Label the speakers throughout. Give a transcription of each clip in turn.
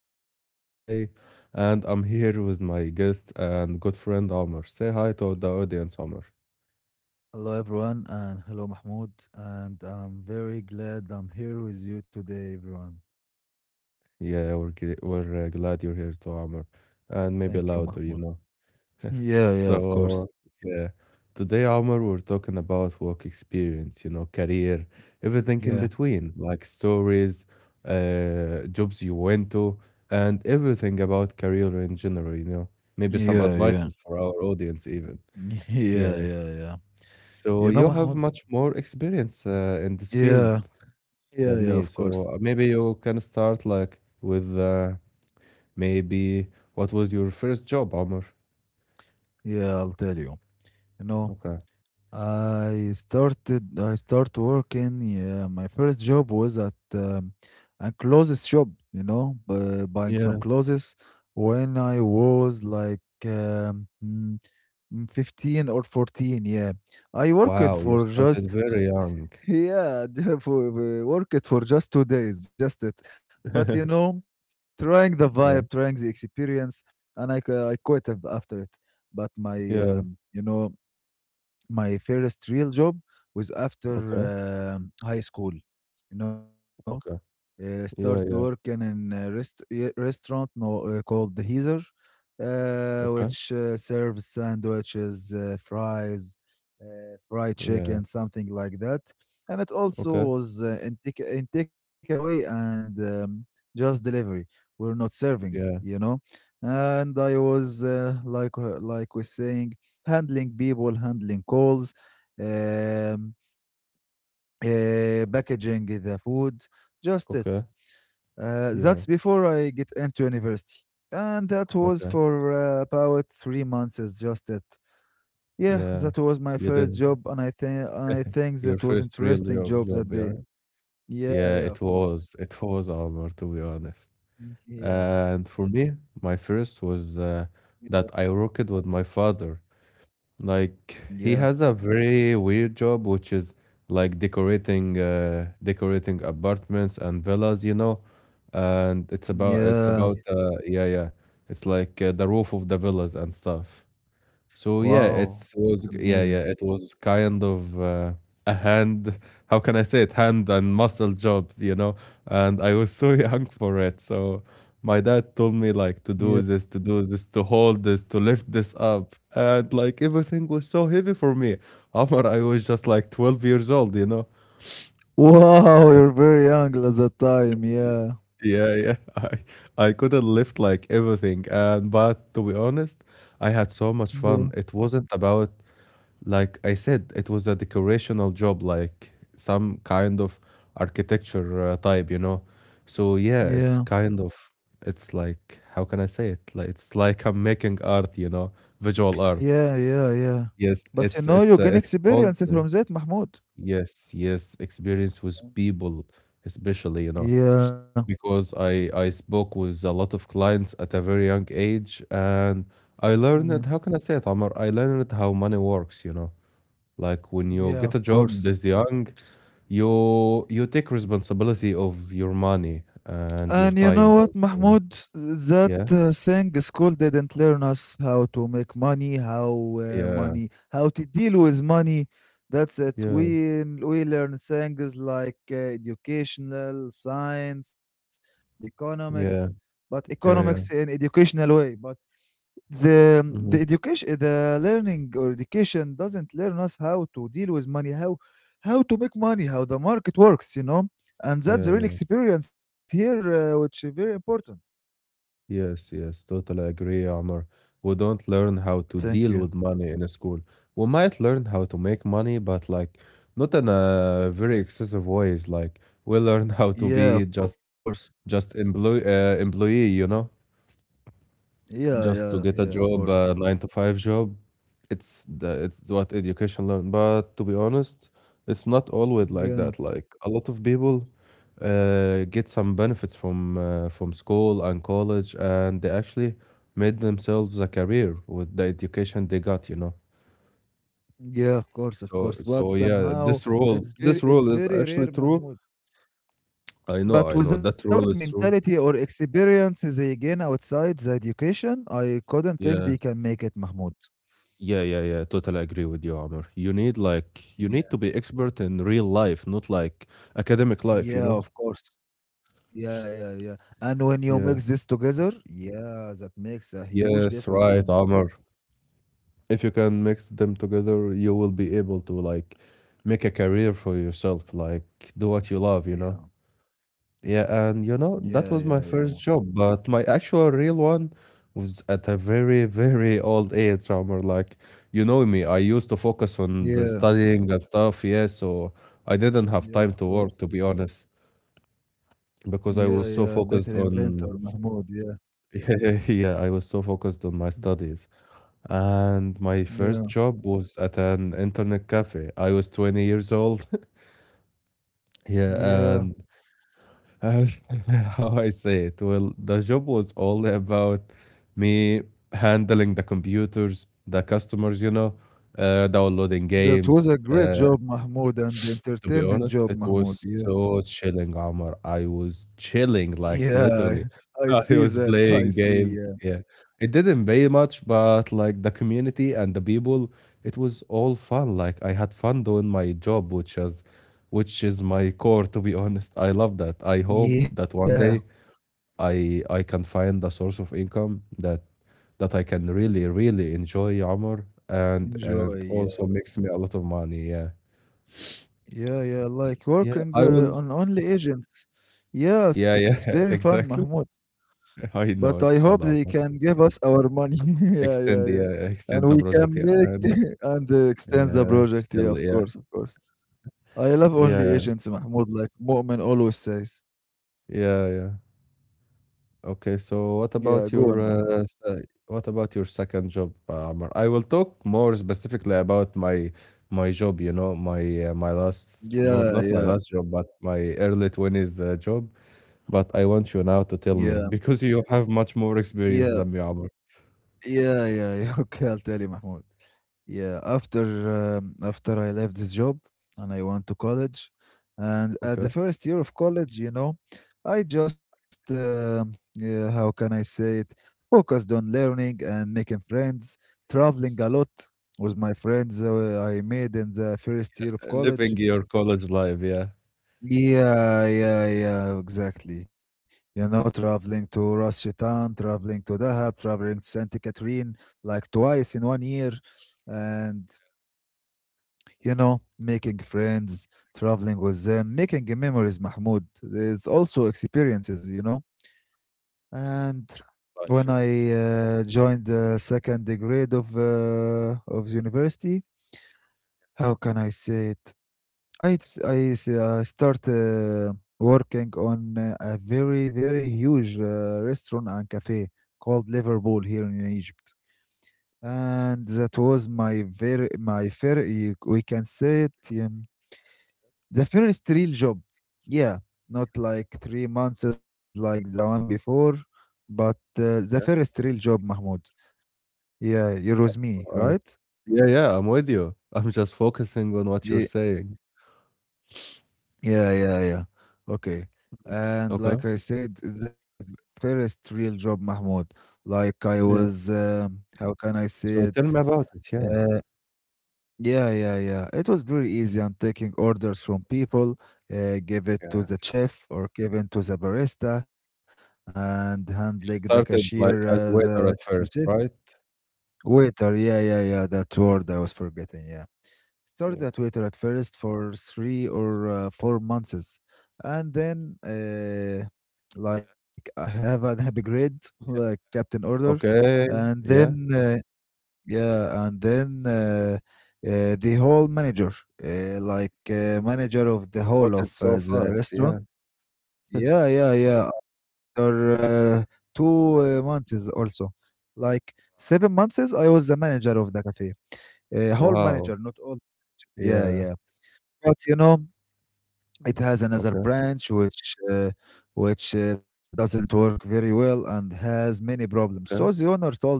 Speaker 1: your host for today, and I'm here with my guest and good friend Amr. Say hi to the audience, Amr.
Speaker 2: Hello, everyone, and hello, Mahmoud. And I'm very glad I'm here with you today, everyone.
Speaker 1: Yeah, we're glad you're here to Amr, and maybe
Speaker 2: Thank you,
Speaker 1: louder, you
Speaker 2: Mahmoud.
Speaker 1: know.
Speaker 2: Yeah, yeah, of
Speaker 1: So,
Speaker 2: course.
Speaker 1: yeah, today, Omar, we're talking about work experience, career, everything in
Speaker 2: Yeah,
Speaker 1: between, like stories, jobs you went to, and everything about career in general, maybe some
Speaker 2: yeah, yeah,
Speaker 1: advices for our audience, even.
Speaker 2: yeah,
Speaker 1: Yeah.
Speaker 2: yeah, yeah.
Speaker 1: So,
Speaker 2: You know,
Speaker 1: you have
Speaker 2: Mahmoud?
Speaker 1: much more experience in this field
Speaker 2: Yeah, yeah,
Speaker 1: than
Speaker 2: yeah,
Speaker 1: me.
Speaker 2: of
Speaker 1: So,
Speaker 2: course.
Speaker 1: maybe you can start like with maybe what was your first job, Omar?
Speaker 2: Yeah, I'll tell you. You know,
Speaker 1: Okay.
Speaker 2: I start working. Yeah, my first job was at a clothes shop, you know, buying some
Speaker 1: Yeah.
Speaker 2: clothes when I was like um, mm, 15 or 14. Yeah, I worked
Speaker 1: Wow, you
Speaker 2: for just
Speaker 1: started very young.
Speaker 2: yeah, worked for just 2 days, just it. But you know, trying the
Speaker 1: Yeah,
Speaker 2: vibe, trying the experience, and I quit after it. But my
Speaker 1: yeah,
Speaker 2: you know my first real job was after
Speaker 1: okay,
Speaker 2: high school you know
Speaker 1: okay.
Speaker 2: start
Speaker 1: Yeah, yeah,
Speaker 2: working in a yeah, restaurant no, called the Heezer,
Speaker 1: okay.
Speaker 2: which serves sandwiches, fries, fried
Speaker 1: Yeah,
Speaker 2: chicken, something like that. And it also
Speaker 1: okay.
Speaker 2: was in, in takeaway and just delivery. We're not serving, you
Speaker 1: Yeah,
Speaker 2: know. And I was like we're saying, handling people, handling calls, um, packaging the food, just it.
Speaker 1: okay. Yeah,
Speaker 2: That's before I get into university. And that was
Speaker 1: okay.
Speaker 2: for about 3 months, is just it. Yeah,
Speaker 1: Yeah.
Speaker 2: that was my
Speaker 1: You
Speaker 2: first
Speaker 1: did
Speaker 2: job, and I think
Speaker 1: your
Speaker 2: that was
Speaker 1: first real
Speaker 2: interesting
Speaker 1: job,
Speaker 2: job
Speaker 1: job,
Speaker 2: that
Speaker 1: yeah, right?
Speaker 2: day. Yeah,
Speaker 1: Yeah, it
Speaker 2: yeah, of course.
Speaker 1: was. It was Omar, to be honest. And for me, my first was that I worked with my father. Like
Speaker 2: Yeah,
Speaker 1: he
Speaker 2: yeah,
Speaker 1: has a very weird job, which is like decorating apartments and villas. And it's
Speaker 2: yeah.
Speaker 1: about yeah, yeah, it's like the roof of the villas and stuff. So yeah, it
Speaker 2: Wow,
Speaker 1: was,
Speaker 2: it's
Speaker 1: yeah, yeah,
Speaker 2: amazing.
Speaker 1: it was kind of a hand, how can I say it, hand and muscle job, you know? And I was so young for it. So my dad told me
Speaker 2: Yeah.
Speaker 1: like to do this, to hold this, to lift this up. And like everything was so heavy for me. Omar, I was just like 12 years old, you know?
Speaker 2: Wow, you're very young at that time. Yeah,
Speaker 1: Yeah, yeah. I couldn't lift like everything. And but to be honest, I had so much
Speaker 2: yeah,
Speaker 1: fun. It wasn't about like I said, it was a decorational job, like some kind of architecture type. So yeah, it's
Speaker 2: yeah.
Speaker 1: kind of it's like how can I say it? Like it's like I'm making art, visual art.
Speaker 2: Yeah, yeah, yeah.
Speaker 1: Yes,
Speaker 2: But you
Speaker 1: it's
Speaker 2: know, you
Speaker 1: it's uh,
Speaker 2: gain
Speaker 1: it's called
Speaker 2: experience
Speaker 1: uh,
Speaker 2: from that, Mahmoud.
Speaker 1: Yes, yes, experience with
Speaker 2: Mm.
Speaker 1: people, especially,
Speaker 2: Yeah,
Speaker 1: because I spoke with a lot of clients at a very young age and I
Speaker 2: yeah,
Speaker 1: learned how can I say it, Amar? I learned how money works. Like when you get
Speaker 2: yeah,
Speaker 1: a
Speaker 2: of
Speaker 1: job this
Speaker 2: course.
Speaker 1: young, you take responsibility of your money and your
Speaker 2: And you
Speaker 1: time
Speaker 2: know what,
Speaker 1: also.
Speaker 2: Mahmoud? That
Speaker 1: Yeah,
Speaker 2: thing school didn't learn us how to make
Speaker 1: yeah,
Speaker 2: money, how to deal with money. That's it.
Speaker 1: yeah,
Speaker 2: We learn things like educational science, economics,
Speaker 1: yeah,
Speaker 2: but economics
Speaker 1: yeah,
Speaker 2: in
Speaker 1: yeah.
Speaker 2: educational way. But the
Speaker 1: Hmm.
Speaker 2: education the learning or education doesn't learn us how to deal with money, how to make money, how the market works, you know. And that's
Speaker 1: Yeah,
Speaker 2: the real
Speaker 1: yeah.
Speaker 2: experience here, which is very important.
Speaker 1: Yes, yes, totally agree, Amr. We don't learn how to
Speaker 2: Thank you.
Speaker 1: deal with money in school. We might learn how to make money, but like not in a very excessive ways. Like we learn how to
Speaker 2: Yeah, of
Speaker 1: be just
Speaker 2: course.
Speaker 1: just employee, you know?
Speaker 2: Yeah, yeah,
Speaker 1: Just to get
Speaker 2: yeah,
Speaker 1: a
Speaker 2: of
Speaker 1: job,
Speaker 2: course.
Speaker 1: a nine to five job. It's what education learn. But to be honest, it's not always like
Speaker 2: Yeah,
Speaker 1: that. Like a lot of people get some benefits from school and college, and they actually made themselves a career with the education they got.
Speaker 2: yeah, of course, of
Speaker 1: So
Speaker 2: course. But
Speaker 1: so yeah,
Speaker 2: somehow
Speaker 1: this rule
Speaker 2: it's very,
Speaker 1: this
Speaker 2: it's
Speaker 1: rule is
Speaker 2: very
Speaker 1: actually
Speaker 2: rare,
Speaker 1: true.
Speaker 2: Mahmoud.
Speaker 1: I
Speaker 2: But
Speaker 1: know that
Speaker 2: without
Speaker 1: rule is true.
Speaker 2: mentality or experience they gain outside the education, I couldn't
Speaker 1: Yeah.
Speaker 2: think they can make it, Mahmoud.
Speaker 1: Yeah, yeah, yeah. Totally agree with you, Amr. You need to be expert in real life, not like academic life, you know?
Speaker 2: Yeah, of course. Yeah, yeah, yeah. And when you
Speaker 1: Yeah.
Speaker 2: mix this together, yeah, that makes a
Speaker 1: Yes,
Speaker 2: huge
Speaker 1: right,
Speaker 2: difference,
Speaker 1: Amr.
Speaker 2: Mahmoud.
Speaker 1: If you can mix them together, you will be able to like make a career for yourself, like do what you love, you know?
Speaker 2: Yeah,
Speaker 1: Yeah, and
Speaker 2: yeah,
Speaker 1: that was
Speaker 2: yeah,
Speaker 1: my
Speaker 2: yeah,
Speaker 1: first job, but my actual real one was at a very, very old age, Omar. Like, you know me, I used to focus on the
Speaker 2: yeah,
Speaker 1: studying and stuff, yeah, so I didn't have time
Speaker 2: yeah,
Speaker 1: to
Speaker 2: of
Speaker 1: work, to
Speaker 2: course.
Speaker 1: be honest, because
Speaker 2: Yeah,
Speaker 1: I was
Speaker 2: yeah,
Speaker 1: so
Speaker 2: little
Speaker 1: focused
Speaker 2: inventor,
Speaker 1: on,
Speaker 2: Mahmoud. Yeah,
Speaker 1: yeah, I was so focused on my studies. And my first
Speaker 2: yeah,
Speaker 1: job was at an internet cafe. I was 20 years old. Yeah, and
Speaker 2: yeah.
Speaker 1: uh, how I say it. Well, the job was all about me handling the computers, the customers, downloading
Speaker 2: That was
Speaker 1: games,
Speaker 2: a great
Speaker 1: uh,
Speaker 2: job, Mahmoud, and
Speaker 1: to be
Speaker 2: entertainment
Speaker 1: honest,
Speaker 2: job,
Speaker 1: it was
Speaker 2: Mahmoud. Yeah,
Speaker 1: so chilling, Omar. I was chilling,
Speaker 2: yeah,
Speaker 1: like literally.
Speaker 2: I see
Speaker 1: I
Speaker 2: that.
Speaker 1: was
Speaker 2: I
Speaker 1: playing
Speaker 2: see. Yeah,
Speaker 1: games. Yeah. It didn't pay much, but like the community and the people, it was all fun. Like I had fun doing my job, which is my core, to be honest. I love that. I hope that
Speaker 2: yeah,
Speaker 1: one day I can find a source of income that I can really, really enjoy, Omar, and
Speaker 2: enjoy.
Speaker 1: and
Speaker 2: Yeah.
Speaker 1: also makes me a lot of money. Yeah.
Speaker 2: Yeah, yeah, like
Speaker 1: Yeah,
Speaker 2: working
Speaker 1: I will.
Speaker 2: on only agents. Yes,
Speaker 1: Yeah,
Speaker 2: very
Speaker 1: yeah,
Speaker 2: fun, Mahmoud.
Speaker 1: exactly.
Speaker 2: But
Speaker 1: I
Speaker 2: I
Speaker 1: know
Speaker 2: hope
Speaker 1: it's
Speaker 2: they
Speaker 1: bad offer.
Speaker 2: can give us our money. Yeah, yeah,
Speaker 1: Extend the
Speaker 2: yeah.
Speaker 1: uh, extend
Speaker 2: And
Speaker 1: the
Speaker 2: we can
Speaker 1: project, yeah,
Speaker 2: make
Speaker 1: and
Speaker 2: and extend the
Speaker 1: yeah,
Speaker 2: project. Yeah,
Speaker 1: still,
Speaker 2: of
Speaker 1: yeah,
Speaker 2: course, of course. I love only
Speaker 1: yeah,
Speaker 2: agents, Mahmoud, like Mu'min always says.
Speaker 1: yeah, yeah. Okay, so what
Speaker 2: Yeah, go
Speaker 1: about
Speaker 2: on,
Speaker 1: your
Speaker 2: Mahmoud.
Speaker 1: second job, Amar? I will talk more specifically about my job. My last no,
Speaker 2: Yeah,
Speaker 1: not my
Speaker 2: yeah,
Speaker 1: last job, but my early twenties job. But I want you now to
Speaker 2: yeah,
Speaker 1: tell me because you have much more
Speaker 2: yeah,
Speaker 1: experience than me, Amar.
Speaker 2: yeah, yeah, yeah. Okay, I'll tell you, Mahmoud. Yeah, after after I left this job and I went to college, and at the
Speaker 1: Okay,
Speaker 2: first year of college, you know, I just yeah, how can I say it? Focused on learning and making friends, traveling a
Speaker 1: St-
Speaker 2: lot with my friends I made in the first year of
Speaker 1: living
Speaker 2: college.
Speaker 1: your college life, yeah.
Speaker 2: Yeah, yeah, yeah, exactly. You know, traveling to Ras Shaitan, traveling to Dahab, traveling to Saint Catherine, like twice in 1 year, and you know, making friends, traveling with them, making memories, Mahmoud. It's also experiences, you know. And
Speaker 1: Life,
Speaker 2: when
Speaker 1: yeah.
Speaker 2: I joined the second grade of university, how can I say it? Start working on a very very huge restaurant and cafe called Liverpool here in Egypt, and that was my very my fair. We can say it. Um, the first real job. Yeah, not like 3 months is like the one before, but the first real job, Mahmoud. Yeah, you're with me,
Speaker 1: Uh,
Speaker 2: right?
Speaker 1: yeah, yeah, I'm with you. I'm just focusing on what you're
Speaker 2: Yeah,
Speaker 1: saying.
Speaker 2: yeah, yeah, yeah. Okay. And
Speaker 1: Okay.
Speaker 2: like I said, first real job, Mahmoud. Like I
Speaker 1: Yeah.
Speaker 2: was, how can I
Speaker 1: So
Speaker 2: say
Speaker 1: tell
Speaker 2: it?
Speaker 1: me about it. Yeah.
Speaker 2: Uh, Yeah, yeah, yeah. It was very easy. I'm taking orders from people, give it to
Speaker 1: Yeah.
Speaker 2: the chef or give it to the barista, and handling the
Speaker 1: You
Speaker 2: cashier
Speaker 1: started like
Speaker 2: as
Speaker 1: as a
Speaker 2: a
Speaker 1: waiter at
Speaker 2: the chef.
Speaker 1: first, right?
Speaker 2: Waiter, yeah, yeah, yeah. That word I was forgetting. Yeah, started
Speaker 1: Yeah.
Speaker 2: at waiter at first for three or 4 months, and then like I have an upgrade, like captain order,
Speaker 1: Okay.
Speaker 2: and then
Speaker 1: Yeah.
Speaker 2: yeah, and then the whole manager, like manager of the whole of
Speaker 1: Promoted so
Speaker 2: the
Speaker 1: fast.
Speaker 2: restaurant.
Speaker 1: Yeah.
Speaker 2: Yeah, yeah, yeah. After two months also, like 7 months, I was the manager of the cafe. Whole
Speaker 1: Wow.
Speaker 2: manager, not all. Yeah,
Speaker 1: Yeah.
Speaker 2: yeah. But you know, it
Speaker 1: Mm.
Speaker 2: has another
Speaker 1: Okay.
Speaker 2: branch which doesn't work very well and has many problems. So the
Speaker 1: Okay.
Speaker 2: owner told me,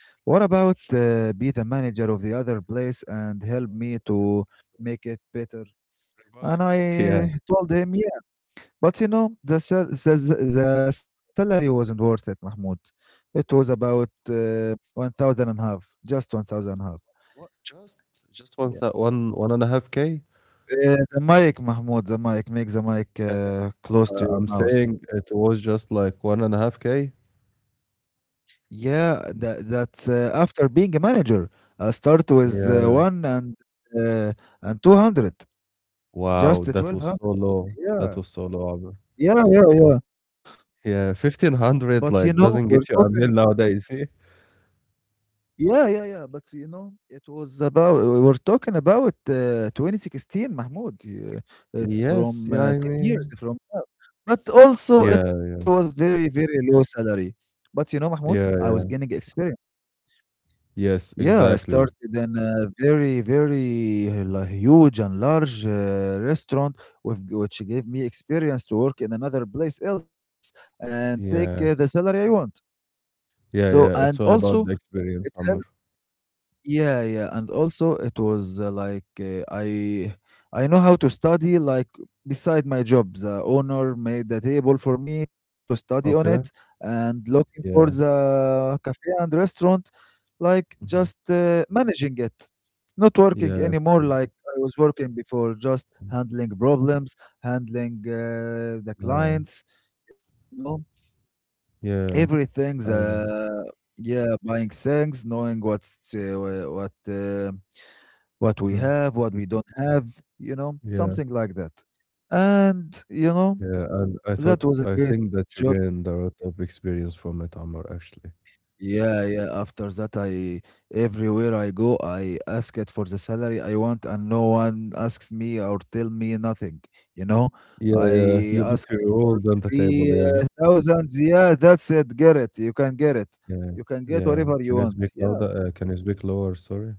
Speaker 2: what about be the manager of the other place and help me
Speaker 1: Oh,
Speaker 2: to make it better? And
Speaker 1: revive
Speaker 2: I
Speaker 1: it. Yeah.
Speaker 2: told him, yeah. But you know, the salary wasn't worth it, Mahmoud. It was
Speaker 1: Really?
Speaker 2: about 1,000 and a half, just 1,000 half.
Speaker 1: What? Just one
Speaker 2: Yeah.
Speaker 1: thou- one one and a half k.
Speaker 2: The mic, Mahmoud, the mic. Make the mic
Speaker 1: Yeah, yeah.
Speaker 2: close to your
Speaker 1: I'm
Speaker 2: mouse.
Speaker 1: saying it was just like 1.5k.
Speaker 2: Yeah, that, that's after being a manager. I start with
Speaker 1: Yeah.
Speaker 2: one uh, and 200,
Speaker 1: Wow.
Speaker 2: just
Speaker 1: That was
Speaker 2: 1200.
Speaker 1: so low. That
Speaker 2: Yeah.
Speaker 1: was so low.
Speaker 2: Yeah, yeah, yeah.
Speaker 1: Yeah,
Speaker 2: But, you
Speaker 1: 1,500,
Speaker 2: know,
Speaker 1: like,
Speaker 2: we're
Speaker 1: doesn't get
Speaker 2: talking
Speaker 1: you
Speaker 2: ab
Speaker 1: a meal nowadays. Eh?
Speaker 2: Yeah, yeah, yeah. But, you know, it was about we were talking about, 2016, Mahmoud. Yeah, it's
Speaker 1: Yes,
Speaker 2: from,
Speaker 1: yeah, I
Speaker 2: 10 years
Speaker 1: mean.
Speaker 2: from now. But also
Speaker 1: Yeah,
Speaker 2: it was very, very low salary. But, you know, Mahmoud, I
Speaker 1: yeah,
Speaker 2: was gaining experience.
Speaker 1: yes,
Speaker 2: Yeah, I
Speaker 1: exactly.
Speaker 2: started in a very, very la huge and large, restaurant with which gave me experience to work in another place else and take,
Speaker 1: Yeah,
Speaker 2: the salary I want.
Speaker 1: yeah,
Speaker 2: So
Speaker 1: yeah, it's
Speaker 2: and
Speaker 1: all about
Speaker 2: also
Speaker 1: the experience,
Speaker 2: it
Speaker 1: Omar.
Speaker 2: helped. Yeah, yeah, and also it was like I know how to study like beside my job. The owner made the table for me to study on it
Speaker 1: Okay?
Speaker 2: and looking for
Speaker 1: Yeah,
Speaker 2: the cafe and restaurant, like
Speaker 1: mhm.
Speaker 2: just managing it, not working
Speaker 1: Yes,
Speaker 2: anymore like I was working before, just handling problems, handling the
Speaker 1: yeah,
Speaker 2: clients, you know
Speaker 1: yeah,
Speaker 2: everything's
Speaker 1: I know.
Speaker 2: yeah, buying things, knowing what uh, wha- what uh, what we
Speaker 1: Mhm.
Speaker 2: have, what we don't have, you know,
Speaker 1: Yeah,
Speaker 2: something like that. And you know
Speaker 1: yeah, and I thought,
Speaker 2: that was a
Speaker 1: I
Speaker 2: great
Speaker 1: think
Speaker 2: job.
Speaker 1: that you gained a lot of experience from it, Omar, actually.
Speaker 2: Yeah, yeah, after that, I everywhere I go, I ask it for the salary I want and no one asks me or tell me nothing, you know.
Speaker 1: Yeah, yeah,
Speaker 2: I
Speaker 1: you
Speaker 2: ask
Speaker 1: put
Speaker 2: it
Speaker 1: your
Speaker 2: for
Speaker 1: rules on the table,
Speaker 2: three
Speaker 1: yeah,
Speaker 2: thousands, yeah, that's it, get it, you can get it,
Speaker 1: yeah,
Speaker 2: you can get
Speaker 1: yeah.
Speaker 2: whatever you
Speaker 1: Can you
Speaker 2: want,
Speaker 1: speak
Speaker 2: yeah.
Speaker 1: louder? Can you speak lower? Sorry,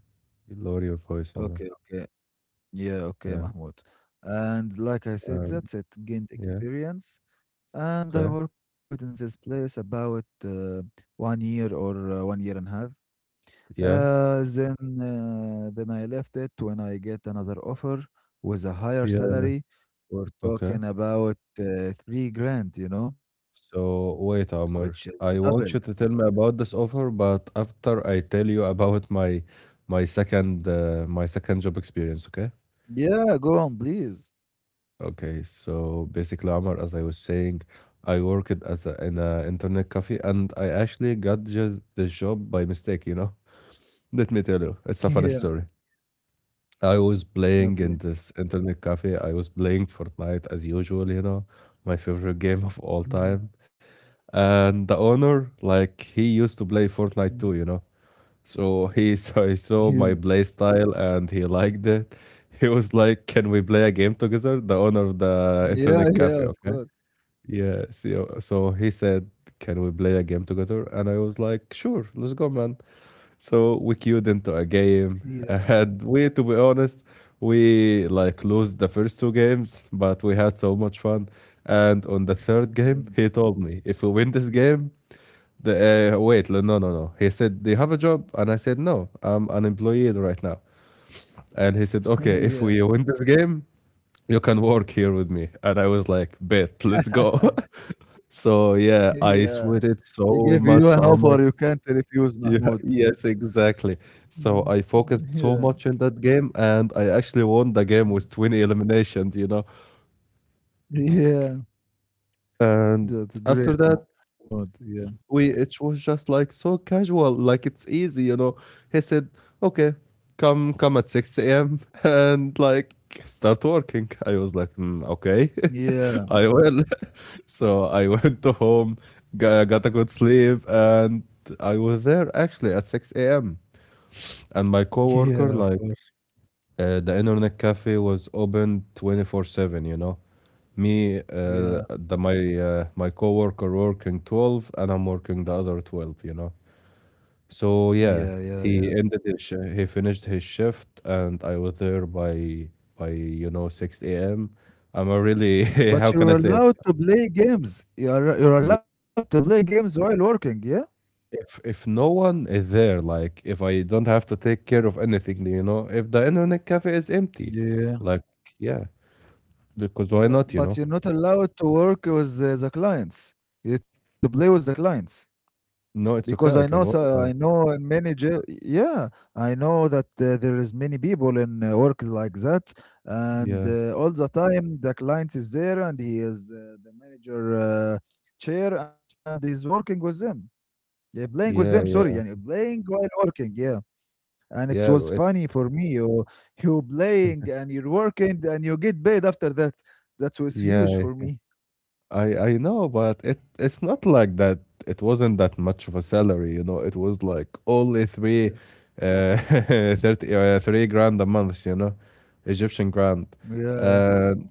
Speaker 1: lower your voice, Omar.
Speaker 2: Okay, okay. Yeah, okay,
Speaker 1: Yeah.
Speaker 2: Mahmoud. And like I said,
Speaker 1: Um,
Speaker 2: that's it. Gained
Speaker 1: yeah.
Speaker 2: experience. And I
Speaker 1: Okay.
Speaker 2: worked in this place about 1 year or 1 year and a half.
Speaker 1: Yeah.
Speaker 2: Uh, then, then I left it when I get another offer with a higher
Speaker 1: Yeah.
Speaker 2: salary. We're
Speaker 1: Okay.
Speaker 2: talking about 3 grand, you know,
Speaker 1: So wait,
Speaker 2: which
Speaker 1: Omar.
Speaker 2: is
Speaker 1: I
Speaker 2: double.
Speaker 1: want you to tell me about this offer, but after I tell you about my second job experience. Okay.
Speaker 2: Yeah, go on, please.
Speaker 1: Okay. So basically, Omar, as I was saying, I worked in a internet cafe, and I actually got just the job by mistake. Let me tell you, it's a funny story. I was
Speaker 2: Yeah,
Speaker 1: playing
Speaker 2: okay.
Speaker 1: in this internet cafe. I was playing Fortnite as usual, my favorite game of all
Speaker 2: Mm,
Speaker 1: time. And the owner, like, he used to play
Speaker 2: mm,
Speaker 1: Fortnite too. So he saw, he
Speaker 2: yeah,
Speaker 1: saw my play style and he liked it. He was like, "Can we play a game together?" The owner of the
Speaker 2: yeah,
Speaker 1: internet
Speaker 2: yeah,
Speaker 1: cafe,
Speaker 2: of
Speaker 1: okay?
Speaker 2: course.
Speaker 1: Yeah. So he said, "Can we play a game together?" And I was like, "Sure, let's go, man." So we queued into a game,
Speaker 2: Yeah,
Speaker 1: and we, to be honest, we like lost the first two games, but we had so much fun. And on the third game,
Speaker 2: yeah.
Speaker 1: he told me, if we win this game, the wait, no, no, no. No." He said, "Do you have a job?" And I said, "No, I'm unemployed right now." And he said, "Okay, if we
Speaker 2: Yeah.
Speaker 1: win this game, you can work here with me." And I was like, "Bet, let's go." So yeah, I
Speaker 2: Yeah.
Speaker 1: sweated
Speaker 2: He
Speaker 1: so
Speaker 2: gave you
Speaker 1: much
Speaker 2: an
Speaker 1: armor.
Speaker 2: offer you can't refuse,
Speaker 1: Yeah,
Speaker 2: Mahmoud.
Speaker 1: yes, exactly. So I
Speaker 2: Mm.
Speaker 1: focused so much in
Speaker 2: Yeah.
Speaker 1: that game, and I actually won the game with
Speaker 2: Mm.
Speaker 1: 20 eliminations.
Speaker 2: Yeah.
Speaker 1: And
Speaker 2: That's
Speaker 1: after that,
Speaker 2: great, Mahmoud. Yeah.
Speaker 1: we it was just like so casual, like it's easy. He said, "Okay, come at 6 a.m. and like start working." I was like, "Mm, "Okay,
Speaker 2: Yeah.
Speaker 1: I will." So I went to home, got a good sleep, and I was there actually at 6 a.m. And my
Speaker 2: Yeah,
Speaker 1: coworker
Speaker 2: of
Speaker 1: like
Speaker 2: course.
Speaker 1: the internet cafe was open 24/7. you know me uh,
Speaker 2: Yeah.
Speaker 1: the my uh, my coworker working 12 and I'm working the other 12. So
Speaker 2: Yeah,
Speaker 1: yeah,
Speaker 2: yeah, yeah.
Speaker 1: he finished his shift and I was there by 6 a.m. I'm a really
Speaker 2: But
Speaker 1: how can I
Speaker 2: you're
Speaker 1: say it.
Speaker 2: allowed to play games. You're
Speaker 1: Yeah,
Speaker 2: allowed to play games while working, yeah?
Speaker 1: if no one is there, like if I don't have to take care of anything, if the internet cafe is empty,
Speaker 2: Yeah.
Speaker 1: like yeah, because why not you
Speaker 2: But
Speaker 1: know
Speaker 2: you're not allowed to work with the clients. You have to play with the clients.
Speaker 1: No,
Speaker 2: Because I
Speaker 1: it's
Speaker 2: know,
Speaker 1: okay. I can
Speaker 2: so I
Speaker 1: work out.
Speaker 2: know many jail. Yeah, I know that there is many people in work like that, and
Speaker 1: Yeah,
Speaker 2: all the time the client is there and he is the manager chair and he's working with them. Yeah, playing with them. Sorry,
Speaker 1: yeah,
Speaker 2: yeah,
Speaker 1: yeah,
Speaker 2: playing while working. Yeah, and it
Speaker 1: yeah.
Speaker 2: was
Speaker 1: It's
Speaker 2: funny for me. You playing and you're working and you get paid after that. That was huge
Speaker 1: yeah.
Speaker 2: for me.
Speaker 1: I know, but it's not like that. It wasn't that much of a salary. It was like only
Speaker 2: Yeah.
Speaker 1: uh, 3 grand a month. Egyptian grand.
Speaker 2: Yeah.
Speaker 1: And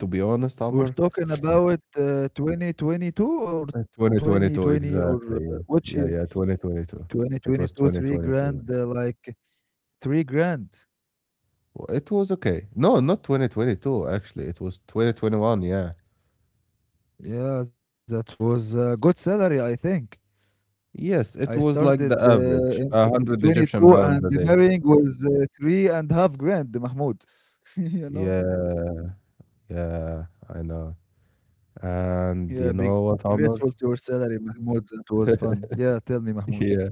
Speaker 1: to be honest,
Speaker 2: We're
Speaker 1: Amr,
Speaker 2: talking about, 2022 or 2020
Speaker 1: 2022
Speaker 2: or
Speaker 1: exactly.
Speaker 2: which
Speaker 1: Yeah,
Speaker 2: year?
Speaker 1: yeah, yeah. 2022. It
Speaker 2: 2022,
Speaker 1: was
Speaker 2: 3 grand,
Speaker 1: 2022.
Speaker 2: like 3 grand.
Speaker 1: Well, it was okay. No, not 2022. Actually, it was 2021. Yeah.
Speaker 2: Yeah, that was a good salary, I think.
Speaker 1: Yes, it
Speaker 2: I
Speaker 1: was like
Speaker 2: started,
Speaker 1: the average,
Speaker 2: in
Speaker 1: 100 Egyptian
Speaker 2: 2022
Speaker 1: pounds
Speaker 2: and
Speaker 1: a
Speaker 2: the
Speaker 1: day.
Speaker 2: marrying was, 3.5 grand, Mahmoud. You know?
Speaker 1: Yeah, yeah, I know. And
Speaker 2: Yeah,
Speaker 1: you
Speaker 2: be
Speaker 1: know what,
Speaker 2: grateful to your
Speaker 1: Omar?
Speaker 2: salary, Mahmoud. That was fun. Yeah, tell me, Mahmoud.
Speaker 1: Yeah.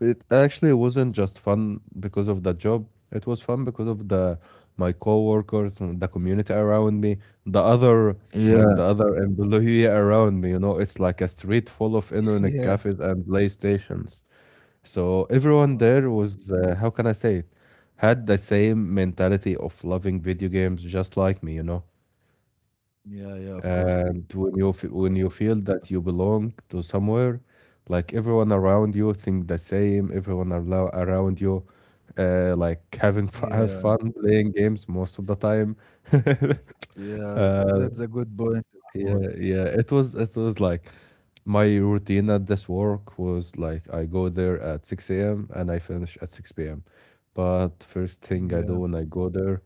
Speaker 1: It actually wasn't just fun because of the job. It was fun because of the my coworkers and the community around me, the other
Speaker 2: Yeah.
Speaker 1: the other employee around me, it's like a street full of
Speaker 2: Yeah.
Speaker 1: internet cafes and playstations. So everyone
Speaker 2: Wow.
Speaker 1: there was, how can I say it, had the same mentality of loving video games just like me.
Speaker 2: Yeah, yeah, of course, of
Speaker 1: And
Speaker 2: course, of course.
Speaker 1: when you feel that you belong to somewhere, like everyone around you think the same, everyone around you, like having f have
Speaker 2: Yeah.
Speaker 1: fun playing games most of the time.
Speaker 2: Yeah,
Speaker 1: Uh,
Speaker 2: that's a good point, Mahmoud.
Speaker 1: yeah, yeah. It was like my routine at this work was like I go there at 6 a.m. and I finish at 6 p.m. But first thing I
Speaker 2: Yeah,
Speaker 1: do when I go there,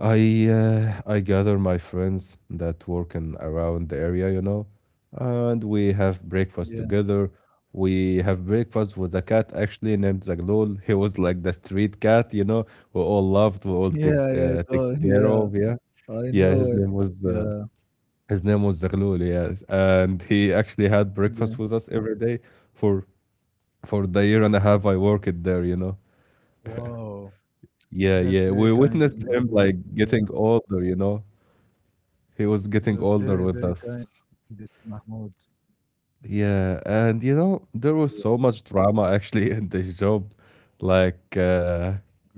Speaker 1: I gather my friends that work in around the area, and we have
Speaker 2: yeah,
Speaker 1: breakfast together. We have breakfast with a cat actually named Zaglul. He was like the street cat, we all loved, we all take
Speaker 2: yeah, yeah,
Speaker 1: uh, take care
Speaker 2: yeah.
Speaker 1: of. Yeah,
Speaker 2: I
Speaker 1: yeah. His
Speaker 2: know it.
Speaker 1: name was
Speaker 2: Yeah,
Speaker 1: Zaghlul, yes. And he actually had
Speaker 2: yeah.
Speaker 1: breakfast with us every day for the year and a half I worked there.
Speaker 2: Wow,
Speaker 1: Yeah,
Speaker 2: that's
Speaker 1: yeah.
Speaker 2: very
Speaker 1: We
Speaker 2: kindest,
Speaker 1: witnessed him
Speaker 2: Mahmoud.
Speaker 1: like
Speaker 2: Yeah,
Speaker 1: getting older. He was getting
Speaker 2: that's
Speaker 1: older
Speaker 2: very,
Speaker 1: with
Speaker 2: very
Speaker 1: us.
Speaker 2: kindest, Mahmoud.
Speaker 1: Yeah, and
Speaker 2: Yeah,
Speaker 1: there was so much drama actually in this job. Like uh
Speaker 2: yeah,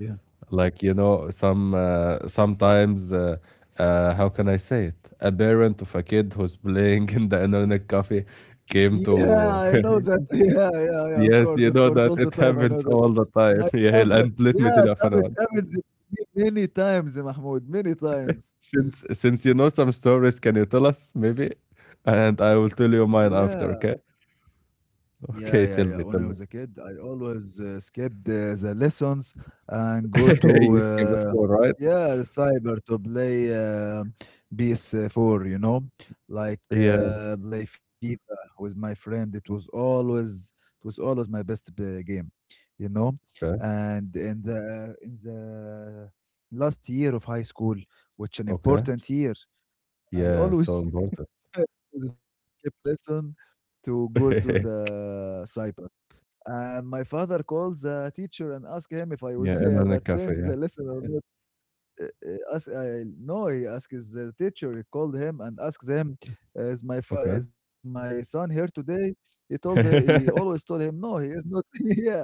Speaker 1: like some sometimes how can I say it? A parent of a kid who's playing in the internet cafe came
Speaker 2: yeah. I
Speaker 1: to.
Speaker 2: know that. Yeah, yeah, yeah. Of
Speaker 1: Yes,
Speaker 2: course, of
Speaker 1: you know
Speaker 2: course. All
Speaker 1: that
Speaker 2: the
Speaker 1: it
Speaker 2: time, I know
Speaker 1: happens
Speaker 2: that.
Speaker 1: all the time.
Speaker 2: My
Speaker 1: Yeah,
Speaker 2: father.
Speaker 1: and let me
Speaker 2: Yeah,
Speaker 1: tell
Speaker 2: it
Speaker 1: you a funny
Speaker 2: happens,
Speaker 1: one.
Speaker 2: it happens to me many times, Mahmoud. Many times.
Speaker 1: Since you know some stories, can you tell us maybe? And I will tell you mine
Speaker 2: Yeah.
Speaker 1: after, okay?
Speaker 2: Yeah, yeah,
Speaker 1: Okay,
Speaker 2: yeah.
Speaker 1: tell
Speaker 2: When
Speaker 1: me,
Speaker 2: I was
Speaker 1: tell
Speaker 2: a
Speaker 1: me.
Speaker 2: kid, I always skipped the lessons and go to
Speaker 1: You skip the score, right?
Speaker 2: yeah, the cyber to play PS4, you know, like
Speaker 1: Yeah.
Speaker 2: play FIFA with my friend. It was always my best game, you know.
Speaker 1: Okay.
Speaker 2: And in the last year of high school, which an
Speaker 1: Okay.
Speaker 2: important year, I
Speaker 1: Yeah, so
Speaker 2: always
Speaker 1: important.
Speaker 2: skip lesson to go to the cyber and my father calls the teacher and asks him if I was
Speaker 1: Yeah,
Speaker 2: have
Speaker 1: internet cafe,
Speaker 2: attend
Speaker 1: yeah.
Speaker 2: the lesson or not. Ask, I no, He asks the teacher. He called him and asks him, "Is my
Speaker 1: Okay.
Speaker 2: is my son here today?" He always told him, "No, he is not here."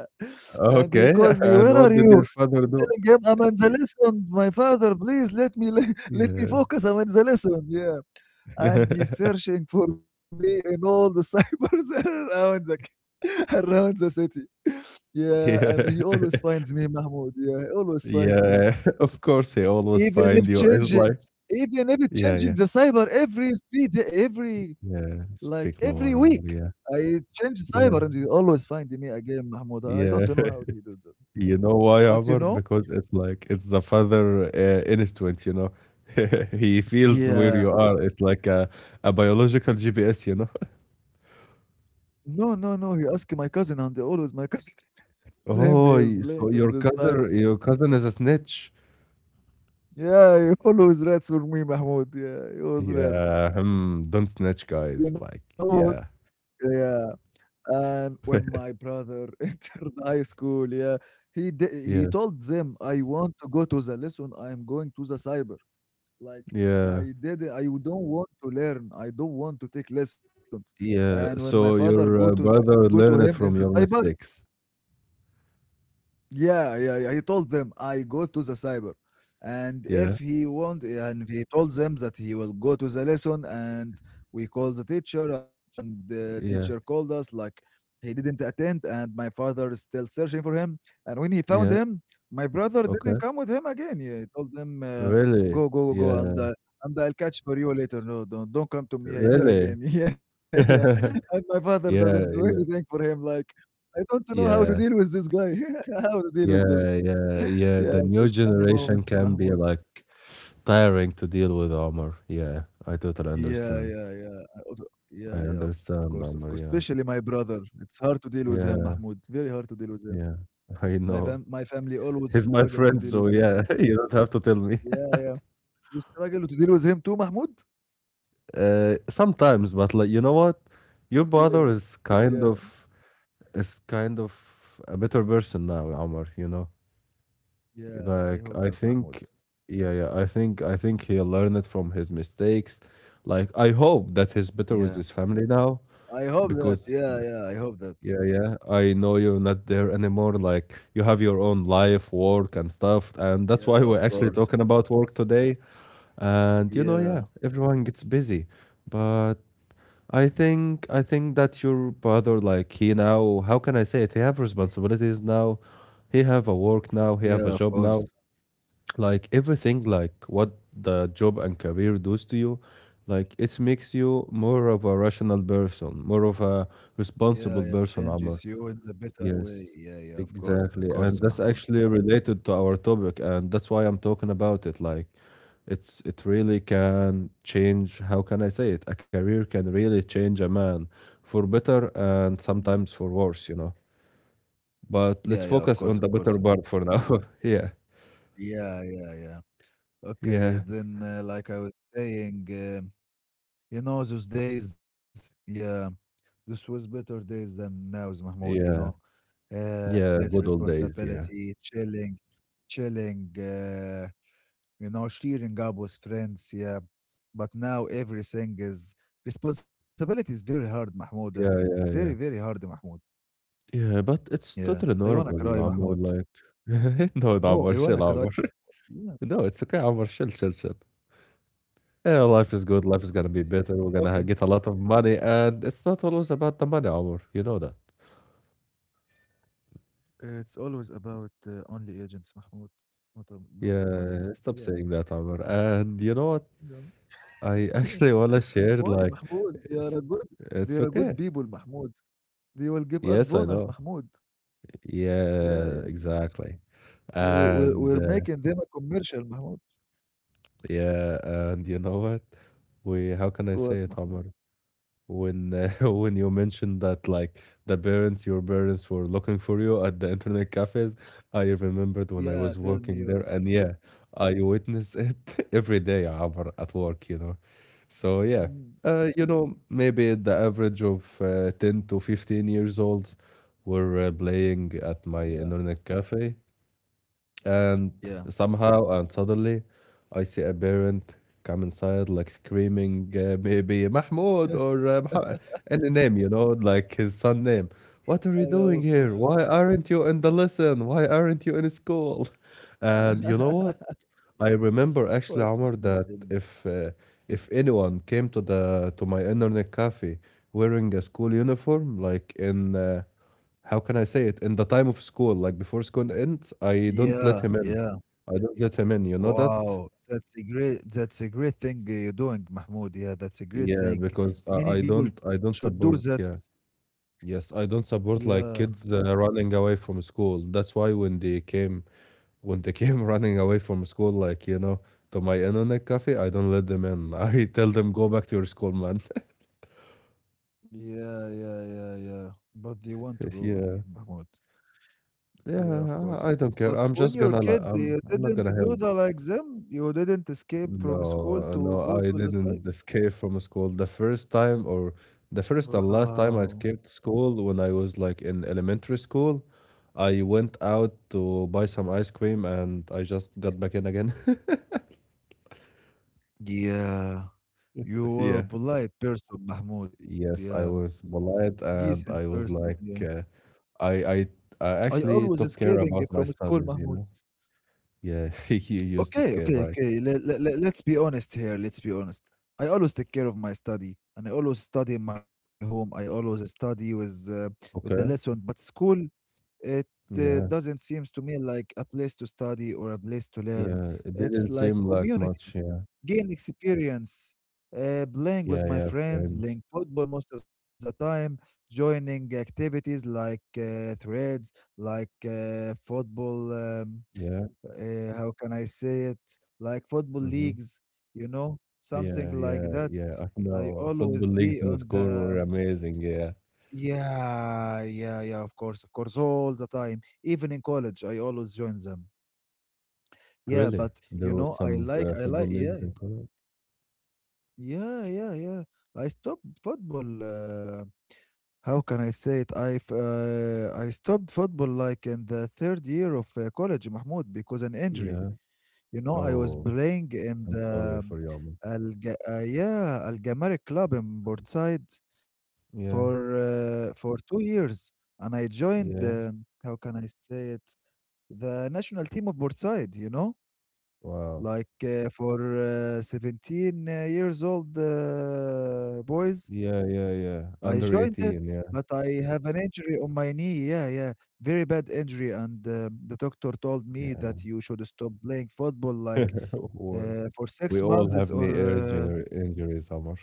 Speaker 2: And he
Speaker 1: Okay,
Speaker 2: called me,
Speaker 1: and
Speaker 2: "Where are
Speaker 1: what did
Speaker 2: you?"
Speaker 1: your father
Speaker 2: I'm
Speaker 1: do?
Speaker 2: telling him, "I'm in the
Speaker 1: Y-
Speaker 2: lesson, my father. Please let me let me
Speaker 1: Yeah.
Speaker 2: focus. I'm in the lesson." Yeah, and he's searching for me in all the cybers around the around the city. Yeah, and he
Speaker 1: Yeah.
Speaker 2: always finds me, Mahmoud. Yeah, he always find me.
Speaker 1: Yeah. Of course, he always
Speaker 2: Even
Speaker 1: find
Speaker 2: if
Speaker 1: you. It's
Speaker 2: changing,
Speaker 1: like,
Speaker 2: Even if it's
Speaker 1: yeah,
Speaker 2: changing
Speaker 1: yeah.
Speaker 2: the cyber every 3 day, every
Speaker 1: Yeah,
Speaker 2: like
Speaker 1: speak
Speaker 2: every
Speaker 1: lower,
Speaker 2: week,
Speaker 1: Omar. Yeah,
Speaker 2: I change cyber and
Speaker 1: yeah,
Speaker 2: he always find me again, Mahmoud. I don't
Speaker 1: yeah.
Speaker 2: know how he do that.
Speaker 1: You know why,
Speaker 2: But you
Speaker 1: Omar?
Speaker 2: know,
Speaker 1: Because it's the father instinct. He feels where
Speaker 2: yeah,
Speaker 1: you are. It's like a biological GPS.
Speaker 2: no, no, no. He asked my cousin, and always my cousin tells him he
Speaker 1: Oh,
Speaker 2: is
Speaker 1: so
Speaker 2: playing on
Speaker 1: your
Speaker 2: this cyber.
Speaker 1: cousin is a snitch.
Speaker 2: Yeah, he always rats for me, Mahmoud. Yeah, he always rat.
Speaker 1: Yeah, don't snitch, guys.
Speaker 2: You
Speaker 1: Like,
Speaker 2: know,
Speaker 1: yeah,
Speaker 2: yeah. And when my brother entered high school, yeah, he
Speaker 1: yeah,
Speaker 2: told them, "I want to go to the lesson. I am going to the cyber." Like
Speaker 1: yeah,
Speaker 2: I did, I don't want to learn. I don't want to take lessons. And when
Speaker 1: yeah.
Speaker 2: my father
Speaker 1: So
Speaker 2: go to
Speaker 1: your
Speaker 2: go to
Speaker 1: brother
Speaker 2: him in
Speaker 1: learned it
Speaker 2: the
Speaker 1: from your
Speaker 2: cyber,
Speaker 1: mistakes.
Speaker 2: yeah, yeah, yeah. He told them, I go to the cyber. And if
Speaker 1: Yeah,
Speaker 2: he want, and he told them that he will go to the lesson, and we called the teacher, and the teacher
Speaker 1: yeah,
Speaker 2: called us like he didn't attend, and my father is still searching for him. And when he found
Speaker 1: yeah.
Speaker 2: him, my brother didn't
Speaker 1: Okay,
Speaker 2: come with him again. Yeah, he told them,
Speaker 1: really?
Speaker 2: go, go, go,
Speaker 1: Yeah,
Speaker 2: and I'll catch for you later. No, don't come to me here
Speaker 1: really?
Speaker 2: again. Yeah, yeah. And my father doesn't do
Speaker 1: Yeah,
Speaker 2: anything
Speaker 1: yeah,
Speaker 2: for him. Like I don't know how to deal
Speaker 1: yeah,
Speaker 2: with this guy. How to deal with
Speaker 1: yeah,
Speaker 2: this?
Speaker 1: yeah, yeah.
Speaker 2: Yeah,
Speaker 1: The
Speaker 2: it
Speaker 1: new
Speaker 2: was funny
Speaker 1: generation
Speaker 2: moments,
Speaker 1: can be
Speaker 2: Mahmoud.
Speaker 1: like tiring to deal with, Omar. Yeah, I totally
Speaker 2: Yeah,
Speaker 1: understand.
Speaker 2: yeah, yeah. I would-
Speaker 1: I
Speaker 2: Yeah, yeah, of course, of
Speaker 1: understand,
Speaker 2: course.
Speaker 1: Omar. Yeah,
Speaker 2: Especially my brother. It's hard to deal with him,
Speaker 1: yeah,
Speaker 2: Mahmoud. Very hard to deal with him.
Speaker 1: yeah. I know.
Speaker 2: My family always
Speaker 1: He's my
Speaker 2: struggle to
Speaker 1: friend,
Speaker 2: deal
Speaker 1: so
Speaker 2: with him.
Speaker 1: yeah, you don't have to tell me.
Speaker 2: Yeah, yeah. You struggle to deal with him too, Mahmoud?
Speaker 1: Sometimes, but like, you know what? Your
Speaker 2: Yeah,
Speaker 1: brother is
Speaker 2: yeah.
Speaker 1: kind of a better person now, Omar.
Speaker 2: Yeah, I
Speaker 1: Like
Speaker 2: hope
Speaker 1: I
Speaker 2: that, Mahmoud.
Speaker 1: think, yeah, yeah. I think he learned it from his mistakes. Like I hope that he's
Speaker 2: Yeah.
Speaker 1: better with his family now,
Speaker 2: I hope that. Yeah,
Speaker 1: because,
Speaker 2: yeah, I hope that.
Speaker 1: yeah, yeah, I know you're not there anymore. Like you have your own life, work, and stuff, and that's
Speaker 2: Yeah,
Speaker 1: why
Speaker 2: of
Speaker 1: we're actually
Speaker 2: course,
Speaker 1: talking
Speaker 2: of
Speaker 1: about
Speaker 2: course.
Speaker 1: work today. And yeah,
Speaker 2: Yeah,
Speaker 1: everyone gets busy, but I think that your brother, like he now, how can I say it? He have responsibilities now. He have a work now.
Speaker 2: yeah,
Speaker 1: He have
Speaker 2: of
Speaker 1: a job
Speaker 2: course.
Speaker 1: now, like everything, like what the job and career does to you, like it makes you more of a rational person, more of a
Speaker 2: Yeah, it
Speaker 1: responsible person,
Speaker 2: changes
Speaker 1: Amr.
Speaker 2: you in the better way.
Speaker 1: Yes,
Speaker 2: Yeah, yeah, of
Speaker 1: exactly. And
Speaker 2: course,
Speaker 1: that's
Speaker 2: Mahmoud.
Speaker 1: actually related to our topic, and that's why I'm talking about it. Like, it really can change, how can I say it, a career can really change a man, for better and
Speaker 2: Yeah,
Speaker 1: sometimes for worse. But
Speaker 2: yeah,
Speaker 1: let's
Speaker 2: yeah, of
Speaker 1: focus
Speaker 2: course, of
Speaker 1: on the
Speaker 2: course.
Speaker 1: better part for now. Yeah,
Speaker 2: Yeah, yeah, yeah. Okay,
Speaker 1: yeah,
Speaker 2: then, like I was saying, you know, those days, yeah, this was better days than now's, Mahmoud, you know,
Speaker 1: yeah.
Speaker 2: uh,
Speaker 1: Yeah,
Speaker 2: less
Speaker 1: good old days, yeah.
Speaker 2: responsibility, chilling, chilling, you know, cheering up with friends, yeah. But now everything is responsibility is very hard, Mahmoud, and it's
Speaker 1: Yeah,
Speaker 2: very,
Speaker 1: yeah.
Speaker 2: very hard, Mahmoud.
Speaker 1: Yeah, but it's
Speaker 2: Yeah.
Speaker 1: totally
Speaker 2: I wanna
Speaker 1: normal,
Speaker 2: cry, Mahmoud.
Speaker 1: Ammar, like. No, no,
Speaker 2: No,
Speaker 1: Ammar,
Speaker 2: I
Speaker 1: chill,
Speaker 2: wanna cry.
Speaker 1: Ammar.
Speaker 2: Yeah.
Speaker 1: No, it's okay, Ammar, chill, chill, chill. Yeah,
Speaker 2: Chill,
Speaker 1: life
Speaker 2: chill.
Speaker 1: is good,
Speaker 2: Okay,
Speaker 1: life is gonna
Speaker 2: Mahmoud.
Speaker 1: be better, we're gonna
Speaker 2: Okay.
Speaker 1: get a lot of money, and it's not always about the money, Ammar, you know that.
Speaker 2: It's always about only agents, Mahmoud. Not the money.
Speaker 1: Yeah, stop
Speaker 2: Yeah.
Speaker 1: saying that, Ammar. And you know what?
Speaker 2: No.
Speaker 1: I actually wanna share,
Speaker 2: Why,
Speaker 1: like,
Speaker 2: Mahmoud? They are
Speaker 1: it's,
Speaker 2: a good. They
Speaker 1: it's
Speaker 2: are a good
Speaker 1: okay.
Speaker 2: people, Mahmoud. They will give us
Speaker 1: Yes, I
Speaker 2: bonus,
Speaker 1: know.
Speaker 2: Mahmoud. Yeah,
Speaker 1: Yeah,
Speaker 2: yeah, yeah.
Speaker 1: exactly. And
Speaker 2: We're making them a commercial, Mahmoud.
Speaker 1: yeah, and you know what? We, how can I say
Speaker 2: What,
Speaker 1: it, Omar?
Speaker 2: Mahmoud?
Speaker 1: When When you mentioned that, like, the parents, your parents were looking for you at the internet cafes, I remembered when I
Speaker 2: Yeah.
Speaker 1: was
Speaker 2: Tell me
Speaker 1: working
Speaker 2: your
Speaker 1: there, and
Speaker 2: story.
Speaker 1: yeah, I witness it every day, Omar, at work. So yeah,
Speaker 2: Mm.
Speaker 1: maybe the average of 10 to 15 years olds were playing at my
Speaker 2: Yeah.
Speaker 1: internet cafe, and
Speaker 2: Yeah.
Speaker 1: somehow and suddenly, I see a parent come inside, like screaming, maybe Mahmoud or Muhammad, any name, like his son name.
Speaker 2: I
Speaker 1: What are you
Speaker 2: Of
Speaker 1: doing
Speaker 2: course.
Speaker 1: here? Why aren't you in the lesson? Why aren't you in school? And you know what? I remember actually,
Speaker 2: What,
Speaker 1: Omar,
Speaker 2: Mahmoud?
Speaker 1: that
Speaker 2: Tell me.
Speaker 1: if anyone came to my internet cafe wearing a school uniform, like in how can I say it? In the time of school, like before school ends, I don't
Speaker 2: Yeah,
Speaker 1: let him in.
Speaker 2: yeah.
Speaker 1: I don't let him in. You know that?
Speaker 2: Wow, that's a great thing you're doing, Mahmoud. Yeah, that's a great
Speaker 1: Yeah,
Speaker 2: thing.
Speaker 1: because
Speaker 2: Many
Speaker 1: I
Speaker 2: people should do
Speaker 1: don't
Speaker 2: that.
Speaker 1: support. Yeah, yes, I don't support
Speaker 2: Yeah,
Speaker 1: like kids running away from school. That's why when they came running away from school, like to my internet cafe, I don't let them in. I tell them go back to your school, man.
Speaker 2: yeah, yeah, yeah, yeah. But they want to go again,
Speaker 1: Yeah,
Speaker 2: Mahmoud. Yeah, of
Speaker 1: yeah.
Speaker 2: course.
Speaker 1: I don't care.
Speaker 2: But
Speaker 1: I'm
Speaker 2: when
Speaker 1: just
Speaker 2: you're a
Speaker 1: gonna like
Speaker 2: kid, you
Speaker 1: I'm not
Speaker 2: didn't
Speaker 1: gonna
Speaker 2: do
Speaker 1: help.
Speaker 2: the like them. You didn't escape from
Speaker 1: No,
Speaker 2: school to
Speaker 1: no,
Speaker 2: go
Speaker 1: I
Speaker 2: to the site.
Speaker 1: didn't escape from school. The first time, or the first and last
Speaker 2: Wow.
Speaker 1: time I escaped school when I was like in elementary school, I went out to buy some ice cream and I just got back in again.
Speaker 2: Yeah, you were a
Speaker 1: Yeah.
Speaker 2: polite person, Mahmoud. Yeah,
Speaker 1: Yes, I was polite
Speaker 2: decent
Speaker 1: and I
Speaker 2: person.
Speaker 1: was
Speaker 2: Yeah.
Speaker 1: like, I, I, I
Speaker 2: I always
Speaker 1: actually took
Speaker 2: escaping
Speaker 1: care about
Speaker 2: from
Speaker 1: my
Speaker 2: school,
Speaker 1: studies, you
Speaker 2: Mahmoud.
Speaker 1: know? Yeah, you used to
Speaker 2: Okay,
Speaker 1: escape,
Speaker 2: okay,
Speaker 1: right?
Speaker 2: okay. Let's be honest here. Let's be honest. I always take care of my study, and I always study in my home. I always study with the lesson.
Speaker 1: Okay.
Speaker 2: But school, it
Speaker 1: Yeah.
Speaker 2: doesn't seems to me like a place to study or a place to learn.
Speaker 1: Yeah. It
Speaker 2: It's
Speaker 1: didn't
Speaker 2: like
Speaker 1: seem like
Speaker 2: community.
Speaker 1: much. Yeah.
Speaker 2: Game experience, playing
Speaker 1: Yeah.
Speaker 2: with my
Speaker 1: Yeah.
Speaker 2: friends,
Speaker 1: Friends.
Speaker 2: playing football most of the time, joining activities like threads, like football.
Speaker 1: Yeah.
Speaker 2: How can I say it? Like football
Speaker 1: Mm-hmm.
Speaker 2: leagues, you know, something
Speaker 1: Yeah,
Speaker 2: like
Speaker 1: yeah,
Speaker 2: that.
Speaker 1: yeah. I
Speaker 2: I
Speaker 1: know football
Speaker 2: always
Speaker 1: leagues
Speaker 2: be
Speaker 1: in
Speaker 2: on
Speaker 1: school
Speaker 2: the
Speaker 1: were amazing. Yeah,
Speaker 2: yeah, yeah, yeah. Of course, all the time. Even in college, I always join them. Yeah,
Speaker 1: really.
Speaker 2: but you
Speaker 1: There was
Speaker 2: know,
Speaker 1: some
Speaker 2: I
Speaker 1: football
Speaker 2: like, yeah,
Speaker 1: leagues in Korea.
Speaker 2: yeah, yeah, yeah. I stopped football. How can I say it? I stopped football like in the third year of college, Mahmoud, because an injury.
Speaker 1: Yeah.
Speaker 2: You know, I was
Speaker 1: Oh,
Speaker 2: playing in
Speaker 1: I'm sorry
Speaker 2: the
Speaker 1: for your miss.
Speaker 2: Al yeah Al Gamari club in Portside
Speaker 1: Yeah,
Speaker 2: for 2 years, and I joined.
Speaker 1: yeah.
Speaker 2: How can I say it? The national team of Portside. You know
Speaker 1: Wow.
Speaker 2: like for 17 years old boys
Speaker 1: Yeah, yeah,
Speaker 2: I
Speaker 1: yeah.
Speaker 2: joined
Speaker 1: Under
Speaker 2: it,
Speaker 1: 18.
Speaker 2: but
Speaker 1: Yeah,
Speaker 2: I have an injury on my knee. Yeah, yeah, very bad injury. And the doctor told me
Speaker 1: yeah.
Speaker 2: that you should stop playing football like
Speaker 1: Well,
Speaker 2: for
Speaker 1: we
Speaker 2: six
Speaker 1: all
Speaker 2: months
Speaker 1: have
Speaker 2: or
Speaker 1: knee
Speaker 2: uh,
Speaker 1: injury injuries, Amar.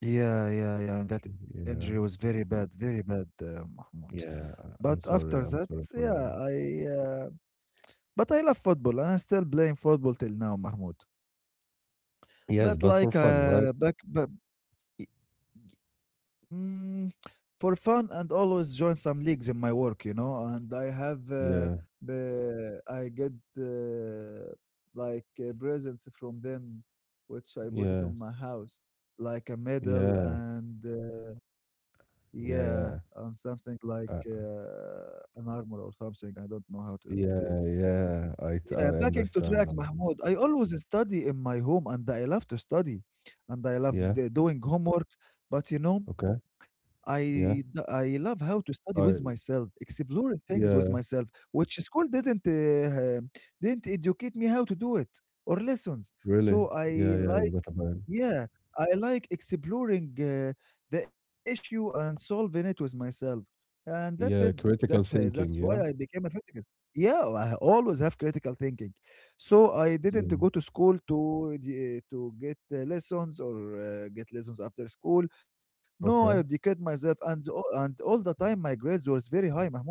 Speaker 2: yeah, yeah, yeah. And that injury was
Speaker 1: Yeah,
Speaker 2: very bad, Mahmoud.
Speaker 1: yeah.
Speaker 2: But
Speaker 1: I'm
Speaker 2: after
Speaker 1: sorry.
Speaker 2: that,
Speaker 1: I'm sorry for
Speaker 2: yeah,
Speaker 1: your miss.
Speaker 2: I uh, but I love football and I'm still playing football till now, Mahmoud.
Speaker 1: Yes,
Speaker 2: But
Speaker 1: but for fun, right?
Speaker 2: but mm, for fun and always join some leagues in my work, you know. And I have,
Speaker 1: Yeah,
Speaker 2: I get like presents from them, which I put it
Speaker 1: yeah,
Speaker 2: on my house, like a medal
Speaker 1: yeah,
Speaker 2: and yeah,
Speaker 1: yeah, yeah.
Speaker 2: and something like
Speaker 1: Uh,
Speaker 2: an armor or something. I don't know how to say
Speaker 1: Yeah,
Speaker 2: it.
Speaker 1: yeah,
Speaker 2: Yeah,
Speaker 1: I
Speaker 2: backing to
Speaker 1: understand.
Speaker 2: track, Mahmoud. I always study in my home, and I love to study, and
Speaker 1: Yeah,
Speaker 2: doing homework. But you know,
Speaker 1: okay, yeah,
Speaker 2: I love how to study with
Speaker 1: I,
Speaker 2: myself, exploring things with
Speaker 1: yeah,
Speaker 2: myself, which school didn't educate me how to do it or lessons.
Speaker 1: really,
Speaker 2: So
Speaker 1: yeah,
Speaker 2: I
Speaker 1: yeah, yeah,
Speaker 2: like.
Speaker 1: but about,
Speaker 2: Yeah, I like exploring the issue and solving it with myself. And that's it.
Speaker 1: yeah, critical
Speaker 2: That's
Speaker 1: thinking,
Speaker 2: why I
Speaker 1: yeah.
Speaker 2: became a physicist. Yeah, I always have critical thinking. So I didn't
Speaker 1: Mm.
Speaker 2: go to school to get lessons or get lessons after school. No, I
Speaker 1: Okay,
Speaker 2: educate myself and all the time my grades was very high, Mahmoud.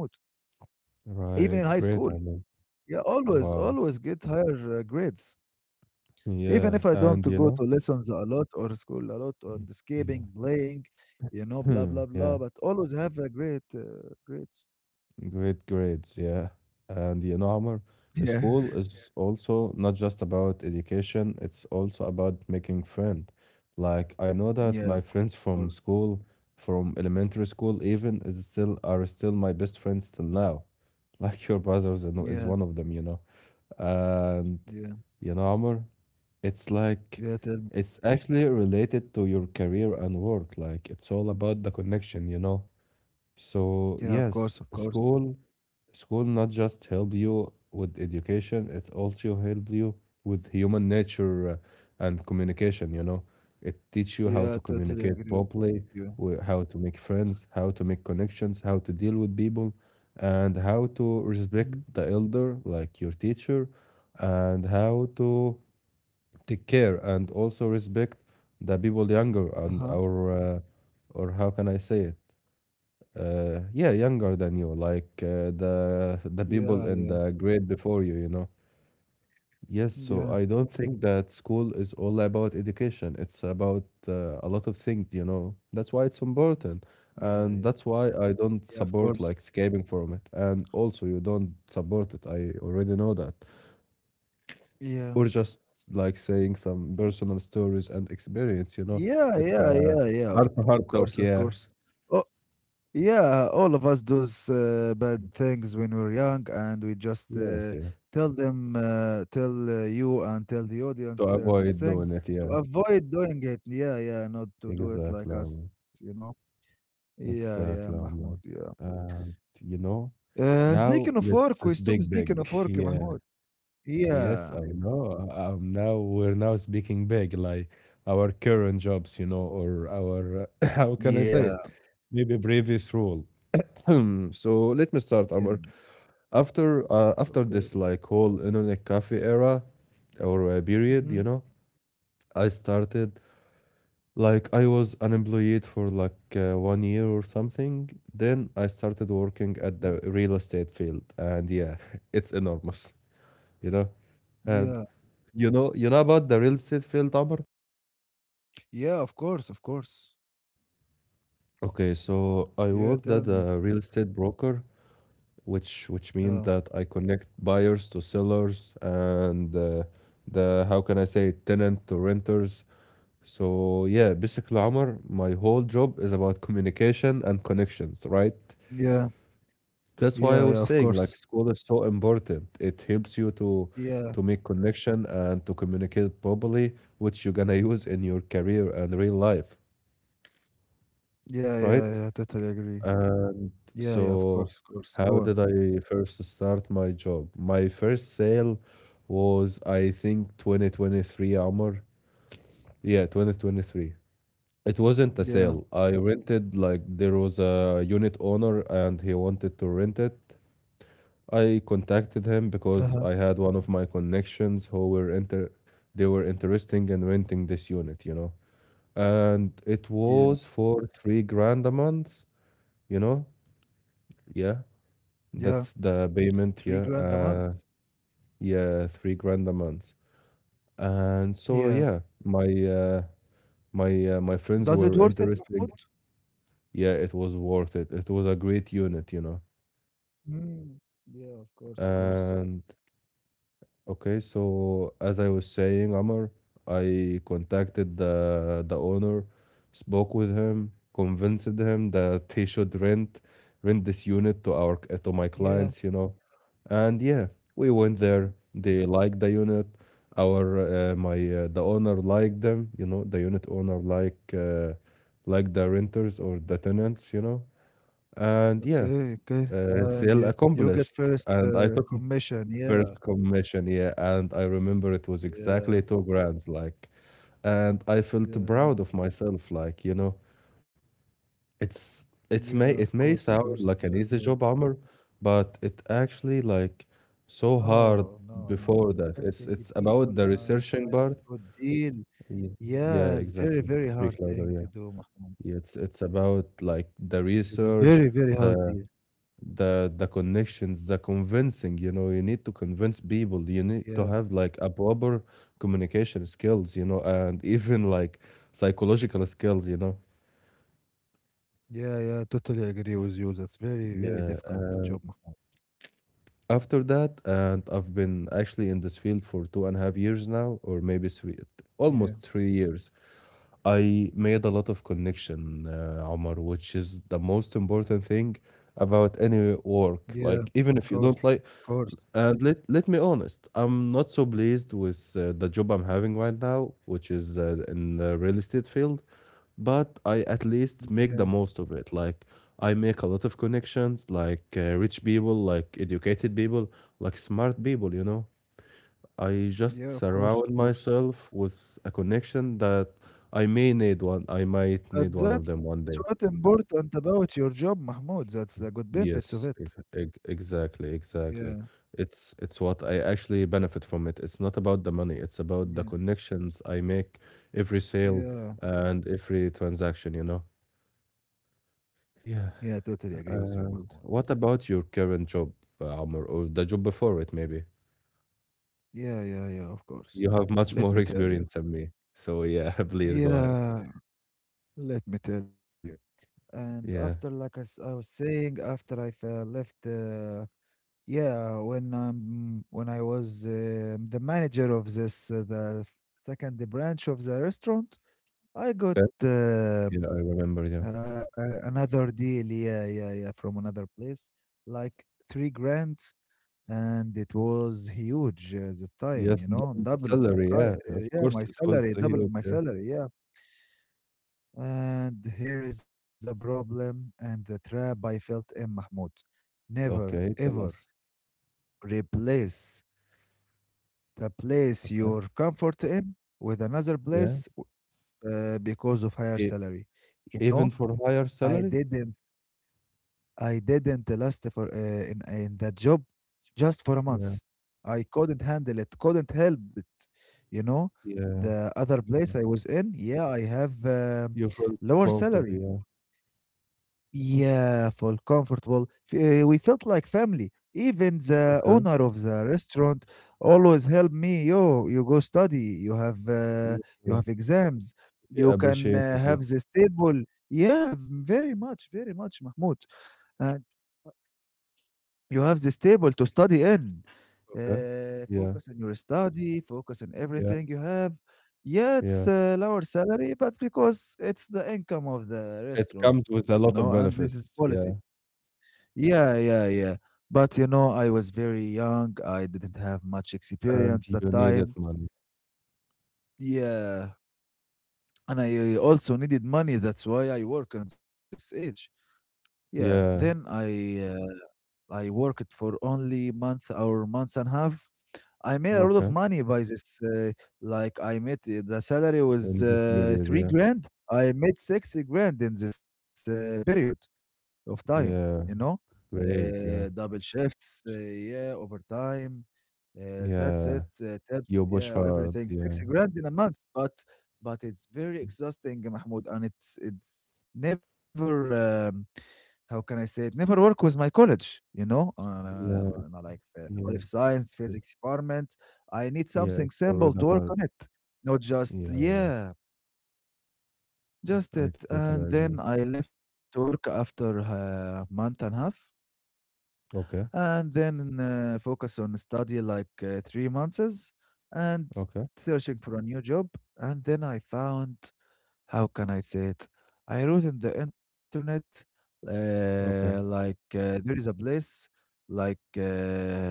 Speaker 2: Even
Speaker 1: right,
Speaker 2: in high
Speaker 1: great,
Speaker 2: school.
Speaker 1: I mean,
Speaker 2: Yeah, always
Speaker 1: wow,
Speaker 2: always get higher grades. Even
Speaker 1: yeah,
Speaker 2: if I don't
Speaker 1: and
Speaker 2: go to lessons a lot or school a lot or
Speaker 1: mm, yeah,
Speaker 2: escaping, playing, you know, blah, blah,
Speaker 1: yeah.
Speaker 2: blah, but always have a great, great.
Speaker 1: Great grades, yeah. And Amr,
Speaker 2: Yeah,
Speaker 1: school is also not just about education, it's also about making friends. Like I know that
Speaker 2: yeah,
Speaker 1: my
Speaker 2: of
Speaker 1: friends
Speaker 2: course.
Speaker 1: from school, from elementary school even, is still are still my best friends till now. Like your brothers,
Speaker 2: Yeah,
Speaker 1: is one of them. And
Speaker 2: yeah,
Speaker 1: Amr, it's like
Speaker 2: yeah, tell me.
Speaker 1: it's actually related to your career and work. Like it's all about the connection.
Speaker 2: Yeah,
Speaker 1: So
Speaker 2: of course, of
Speaker 1: yes,
Speaker 2: course.
Speaker 1: school. School not just help you with education, it also help you with human nature and communication. It teach you how
Speaker 2: Yeah, I
Speaker 1: to
Speaker 2: totally
Speaker 1: communicate
Speaker 2: agree with you.
Speaker 1: properly, how to make friends, how to make connections, how to deal with people, and how to
Speaker 2: Mhm.
Speaker 1: respect the elder, like your teacher, and how to take care and also respect the people younger and
Speaker 2: Uh-huh.
Speaker 1: or how can I say it? Yeah, younger than you, like the
Speaker 2: Yeah,
Speaker 1: people
Speaker 2: yeah,
Speaker 1: in the grade before you, you know. Yes, so
Speaker 2: yeah,
Speaker 1: I don't think that school is all about education. It's about a lot of things. That's why it's important,
Speaker 2: yeah, yeah,
Speaker 1: and that's why I
Speaker 2: yeah,
Speaker 1: don't
Speaker 2: of course.
Speaker 1: support like escaping from it. And also, you don't support it. I already know that.
Speaker 2: Yeah,
Speaker 1: Or just like saying some personal stories and experience.
Speaker 2: yeah,
Speaker 1: It's
Speaker 2: yeah,
Speaker 1: a
Speaker 2: yeah, yeah, of
Speaker 1: heart to
Speaker 2: course,
Speaker 1: heart
Speaker 2: of
Speaker 1: talk,
Speaker 2: course.
Speaker 1: yeah.
Speaker 2: Oh. Yeah, all of us does bad things when we're young, and we just
Speaker 1: Yes, yeah.
Speaker 2: tell them, tell you, and tell the
Speaker 1: To
Speaker 2: audience those
Speaker 1: avoid doing
Speaker 2: things
Speaker 1: it,
Speaker 2: to
Speaker 1: yeah.
Speaker 2: avoid doing it. Yeah, yeah, not to do it like us,
Speaker 1: Exactly.
Speaker 2: you know. Yeah, yeah,
Speaker 1: Exactly,
Speaker 2: Mahmoud.
Speaker 1: Omar.
Speaker 2: Yeah.
Speaker 1: And you know,
Speaker 2: Speaking of
Speaker 1: now
Speaker 2: work, we
Speaker 1: let's
Speaker 2: stop
Speaker 1: speak
Speaker 2: speaking of
Speaker 1: big.
Speaker 2: work,
Speaker 1: Yeah,
Speaker 2: Mahmoud.
Speaker 1: yes,
Speaker 2: Yeah,
Speaker 1: I know. Now we're now speaking big, like our current jobs, or our how can I
Speaker 2: yeah,
Speaker 1: say it? Maybe previous role. So let me
Speaker 2: yeah.
Speaker 1: start, Omar. After uh,
Speaker 2: Of
Speaker 1: after
Speaker 2: course.
Speaker 1: this whole internet cafe era or uh, period,
Speaker 2: Hmm.
Speaker 1: you know, I started Like I was unemployed for 1 year or something. Then I started working at the real estate field, and yeah, it's enormous, you know.
Speaker 2: Yeah,
Speaker 1: And you know about the real estate field, Amr?
Speaker 2: yeah. Of course, of course.
Speaker 1: Okay, so
Speaker 2: Yeah,
Speaker 1: I
Speaker 2: tell
Speaker 1: worked
Speaker 2: me.
Speaker 1: at a real estate broker, which
Speaker 2: Oh,
Speaker 1: means that I connect buyers to sellers and the how can I say tenant to renters. So yeah, basically, Amr, my whole job is about communication and connections, right?
Speaker 2: yeah,
Speaker 1: That's
Speaker 2: yeah,
Speaker 1: why
Speaker 2: yeah.
Speaker 1: I
Speaker 2: Of
Speaker 1: was saying
Speaker 2: course.
Speaker 1: like school is so important. It helps you to
Speaker 2: Yeah.
Speaker 1: to make connection and to communicate properly, which you're gonna use in your career and real life,
Speaker 2: Yeah, yeah, yeah, totally
Speaker 1: right?
Speaker 2: agree. Yeah,
Speaker 1: And
Speaker 2: yeah, of course, of course.
Speaker 1: so
Speaker 2: Go on.
Speaker 1: how did I first start my job? My first sale was I think 2023 Amr. Yeah, 2023. It wasn't a
Speaker 2: Yeah.
Speaker 1: sale. I rented, like, there was a unit owner and he wanted to rent it. I contacted
Speaker 2: Uh-huh.
Speaker 1: him because I had one of my connections who were inter they were interesting in renting this unit, you know. And it
Speaker 2: Yeah,
Speaker 1: was for 3 grand a month, you know? Yeah,
Speaker 2: yeah.
Speaker 1: that's the
Speaker 2: 3 grand
Speaker 1: payment,
Speaker 2: a
Speaker 1: yeah.
Speaker 2: month.
Speaker 1: Yeah, 3 grand a month. And
Speaker 2: Yeah.
Speaker 1: so yeah, my
Speaker 2: Does
Speaker 1: friends
Speaker 2: it
Speaker 1: were
Speaker 2: worth it, Mahmoud?
Speaker 1: interesting. Yeah, it was worth it. It was a great unit, you know.
Speaker 2: Mm. Yeah, of course, of course.
Speaker 1: And Okay, so as I was saying, Amr, I contacted the owner, spoke with him, convinced him that he should rent this unit to our
Speaker 2: Yeah,
Speaker 1: to my clients, you know. And yeah, we
Speaker 2: yeah.
Speaker 1: went there. They liked the unit. Our my The owner liked them, you know, the unit owner like the renters or the tenants, you know. And
Speaker 2: Okay,
Speaker 1: yeah,
Speaker 2: okay. And you
Speaker 1: still
Speaker 2: you get first
Speaker 1: accomplished. And
Speaker 2: commission. Yeah,
Speaker 1: first commission, yeah, and I remember it was
Speaker 2: yeah,
Speaker 1: exactly two grands, like, and I felt
Speaker 2: yeah,
Speaker 1: proud of myself, like, you know, it's
Speaker 2: yeah.
Speaker 1: it's
Speaker 2: Of
Speaker 1: may it
Speaker 2: course, of
Speaker 1: may
Speaker 2: course.
Speaker 1: sound
Speaker 2: Very
Speaker 1: like an
Speaker 2: well.
Speaker 1: easy job, Amr, but it actually, like, so
Speaker 2: No,
Speaker 1: hard
Speaker 2: no, no.
Speaker 1: before that. It's
Speaker 2: Convincing the
Speaker 1: about
Speaker 2: people
Speaker 1: the
Speaker 2: and
Speaker 1: researching
Speaker 2: find a
Speaker 1: part.
Speaker 2: good deal.
Speaker 1: Yeah, yeah,
Speaker 2: Yeah, it's very,
Speaker 1: exactly.
Speaker 2: very hard
Speaker 1: Speak louder,
Speaker 2: thing
Speaker 1: yeah.
Speaker 2: to do, Mahmoud.
Speaker 1: Yeah, it's about like the
Speaker 2: It's very, very
Speaker 1: research,
Speaker 2: hard. Yeah,
Speaker 1: the the connections, the convincing, you know, you need to convince people, you need to
Speaker 2: yeah,
Speaker 1: have like a proper communication skills, you know, and even like psychological skills, you know.
Speaker 2: yeah. Yeah, totally agree with you. That's very, very
Speaker 1: yeah
Speaker 2: difficult
Speaker 1: uh,
Speaker 2: job, Mahmoud.
Speaker 1: After that, and I've been actually in this field for two and a half years now, or maybe three, almost
Speaker 2: Yeah,
Speaker 1: 3 years. I made a lot of connection, Omar, which is the most important thing about any work,
Speaker 2: yeah. Of
Speaker 1: like even if you don't
Speaker 2: course,
Speaker 1: like.
Speaker 2: of course.
Speaker 1: And let me honest, I'm not so pleased with the job I'm having right now, which is in the real estate field, but I at least make
Speaker 2: Yeah,
Speaker 1: the most of it. Like I make a lot of connections, like rich people, like educated people, like smart people, you know. I just
Speaker 2: yeah. Of
Speaker 1: surround
Speaker 2: course, of course.
Speaker 1: myself with a connection that I might need one of
Speaker 2: But
Speaker 1: them one
Speaker 2: that's
Speaker 1: day.
Speaker 2: what important about your job, Mahmoud. That's the good benefits
Speaker 1: Yes,
Speaker 2: of it.
Speaker 1: exactly.
Speaker 2: Yeah,
Speaker 1: It's what I actually benefit from it. It's not about the money, it's about the
Speaker 2: yeah,
Speaker 1: connections I make every sale
Speaker 2: yeah.
Speaker 1: and every transaction, you know? Yeah.
Speaker 2: Yeah, totally agree with you,
Speaker 1: And
Speaker 2: Mahmoud.
Speaker 1: what about your current job, Amr, or the job before it maybe?
Speaker 2: Yeah, yeah, yeah. Of course.
Speaker 1: You have much
Speaker 2: Let
Speaker 1: more
Speaker 2: me tell you.
Speaker 1: experience than me. So yeah, please go ahead.
Speaker 2: Yeah, let me tell you. And after,
Speaker 1: Yeah.
Speaker 2: like I was saying, after I left, yeah, when I was the manager of this the second branch of the restaurant, I got
Speaker 1: Okay.
Speaker 2: uh,
Speaker 1: Yeah, I remember, yeah.
Speaker 2: another deal. Yeah, yeah, yeah, from another place, like 3 grand, and it was huge at the time.
Speaker 1: Yes, double the
Speaker 2: Double of my
Speaker 1: salary, yeah.
Speaker 2: price.
Speaker 1: Of
Speaker 2: Yeah,
Speaker 1: course
Speaker 2: my
Speaker 1: it was
Speaker 2: salary, double of
Speaker 1: huge.
Speaker 2: my
Speaker 1: Yeah.
Speaker 2: salary. Yeah, and here is the problem and the trap I felt in Mahmoud. Never,
Speaker 1: Okay,
Speaker 2: ever
Speaker 1: tell us.
Speaker 2: replace the place
Speaker 1: Okay.
Speaker 2: you're comfort in with another
Speaker 1: Yeah.
Speaker 2: place because of higher salary. You
Speaker 1: Even
Speaker 2: know,
Speaker 1: for
Speaker 2: I
Speaker 1: higher salary?
Speaker 2: didn't, I didn't last for in that job just for a
Speaker 1: Yeah,
Speaker 2: month. I couldn't handle it, couldn't help it. You know,
Speaker 1: yeah,
Speaker 2: the other place
Speaker 1: yeah.
Speaker 2: I was in, yeah, I have
Speaker 1: You feel
Speaker 2: lower
Speaker 1: comfortable,
Speaker 2: salary.
Speaker 1: yeah.
Speaker 2: Yeah, full comfortable. F- We felt like family. Even the
Speaker 1: Okay.
Speaker 2: owner of the restaurant always helped me. Yo, you go study. You have uh,
Speaker 1: Yeah,
Speaker 2: you
Speaker 1: yeah.
Speaker 2: have exams.
Speaker 1: They
Speaker 2: You can
Speaker 1: appreciated you,
Speaker 2: have this table. Yeah, very much, very much, Mahmoud. And you have this table to study in.
Speaker 1: okay? Yeah,
Speaker 2: Focus on your study. Focus on
Speaker 1: yeah,
Speaker 2: everything you have. Yeah, it's
Speaker 1: yeah.
Speaker 2: a lower salary, but because it's the income of the
Speaker 1: It
Speaker 2: restaurant,
Speaker 1: comes with a
Speaker 2: and
Speaker 1: lot of
Speaker 2: this is policy.
Speaker 1: benefits, yeah,
Speaker 2: Yeah, yeah, yeah. But I was very young. I didn't have much
Speaker 1: and
Speaker 2: experience
Speaker 1: you
Speaker 2: that
Speaker 1: need that
Speaker 2: time.
Speaker 1: money.
Speaker 2: Yeah. And I also needed money. That's why I work on this age. Yeah. Then
Speaker 1: Yeah,
Speaker 2: I worked for only month or months and a half. I made a lot of
Speaker 1: okay.
Speaker 2: money by this. Like I made the salary was
Speaker 1: In this period,
Speaker 2: three
Speaker 1: yeah.
Speaker 2: grand. I made 6 grand in this period of time, you
Speaker 1: Yeah,
Speaker 2: know?
Speaker 1: great, yeah.
Speaker 2: Double shifts, yeah, overtime. That's
Speaker 1: Yeah,
Speaker 2: it. Tips,
Speaker 1: you push
Speaker 2: yeah,
Speaker 1: hard,
Speaker 2: everything.
Speaker 1: yeah,
Speaker 2: 6 grand in a month, but it's very exhausting, Mahmoud, and it's never. Um, how can I say it? Never work with my college.
Speaker 1: yeah,
Speaker 2: Not like
Speaker 1: yeah,
Speaker 2: life science,
Speaker 1: it-
Speaker 2: physics department. I need
Speaker 1: yeah,
Speaker 2: something
Speaker 1: it's
Speaker 2: simple
Speaker 1: already
Speaker 2: to work
Speaker 1: hard.
Speaker 2: on it, not just
Speaker 1: Yeah,
Speaker 2: yeah, just
Speaker 1: I
Speaker 2: it.
Speaker 1: totally
Speaker 2: And
Speaker 1: agree.
Speaker 2: then I left work after a month and a half,
Speaker 1: Okay,
Speaker 2: and then focus on study like 3 months, and
Speaker 1: okay,
Speaker 2: searching for a new job, and then I found, how can I say it, I wrote in the internet
Speaker 1: okay.
Speaker 2: like there is a place, like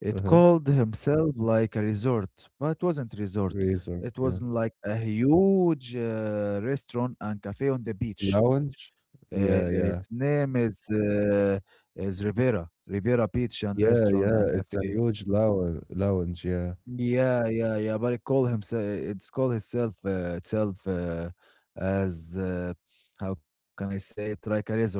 Speaker 2: it
Speaker 1: Uh-huh.
Speaker 2: called himself like a resort, but it wasn't resort.
Speaker 1: Resort,
Speaker 2: It
Speaker 1: yeah.
Speaker 2: was like a huge restaurant and cafe on the beach.
Speaker 1: Lounge? Yeah,
Speaker 2: Its
Speaker 1: yeah.
Speaker 2: name is Rivera, Rivera Beach and
Speaker 1: Yeah,
Speaker 2: Restaurant
Speaker 1: yeah,
Speaker 2: and
Speaker 1: it's a
Speaker 2: Cafe.
Speaker 1: huge lounge, yeah.
Speaker 2: Yeah, yeah, yeah. But it call himself, it's called itself as how can I say it? Like a resort. Yeah.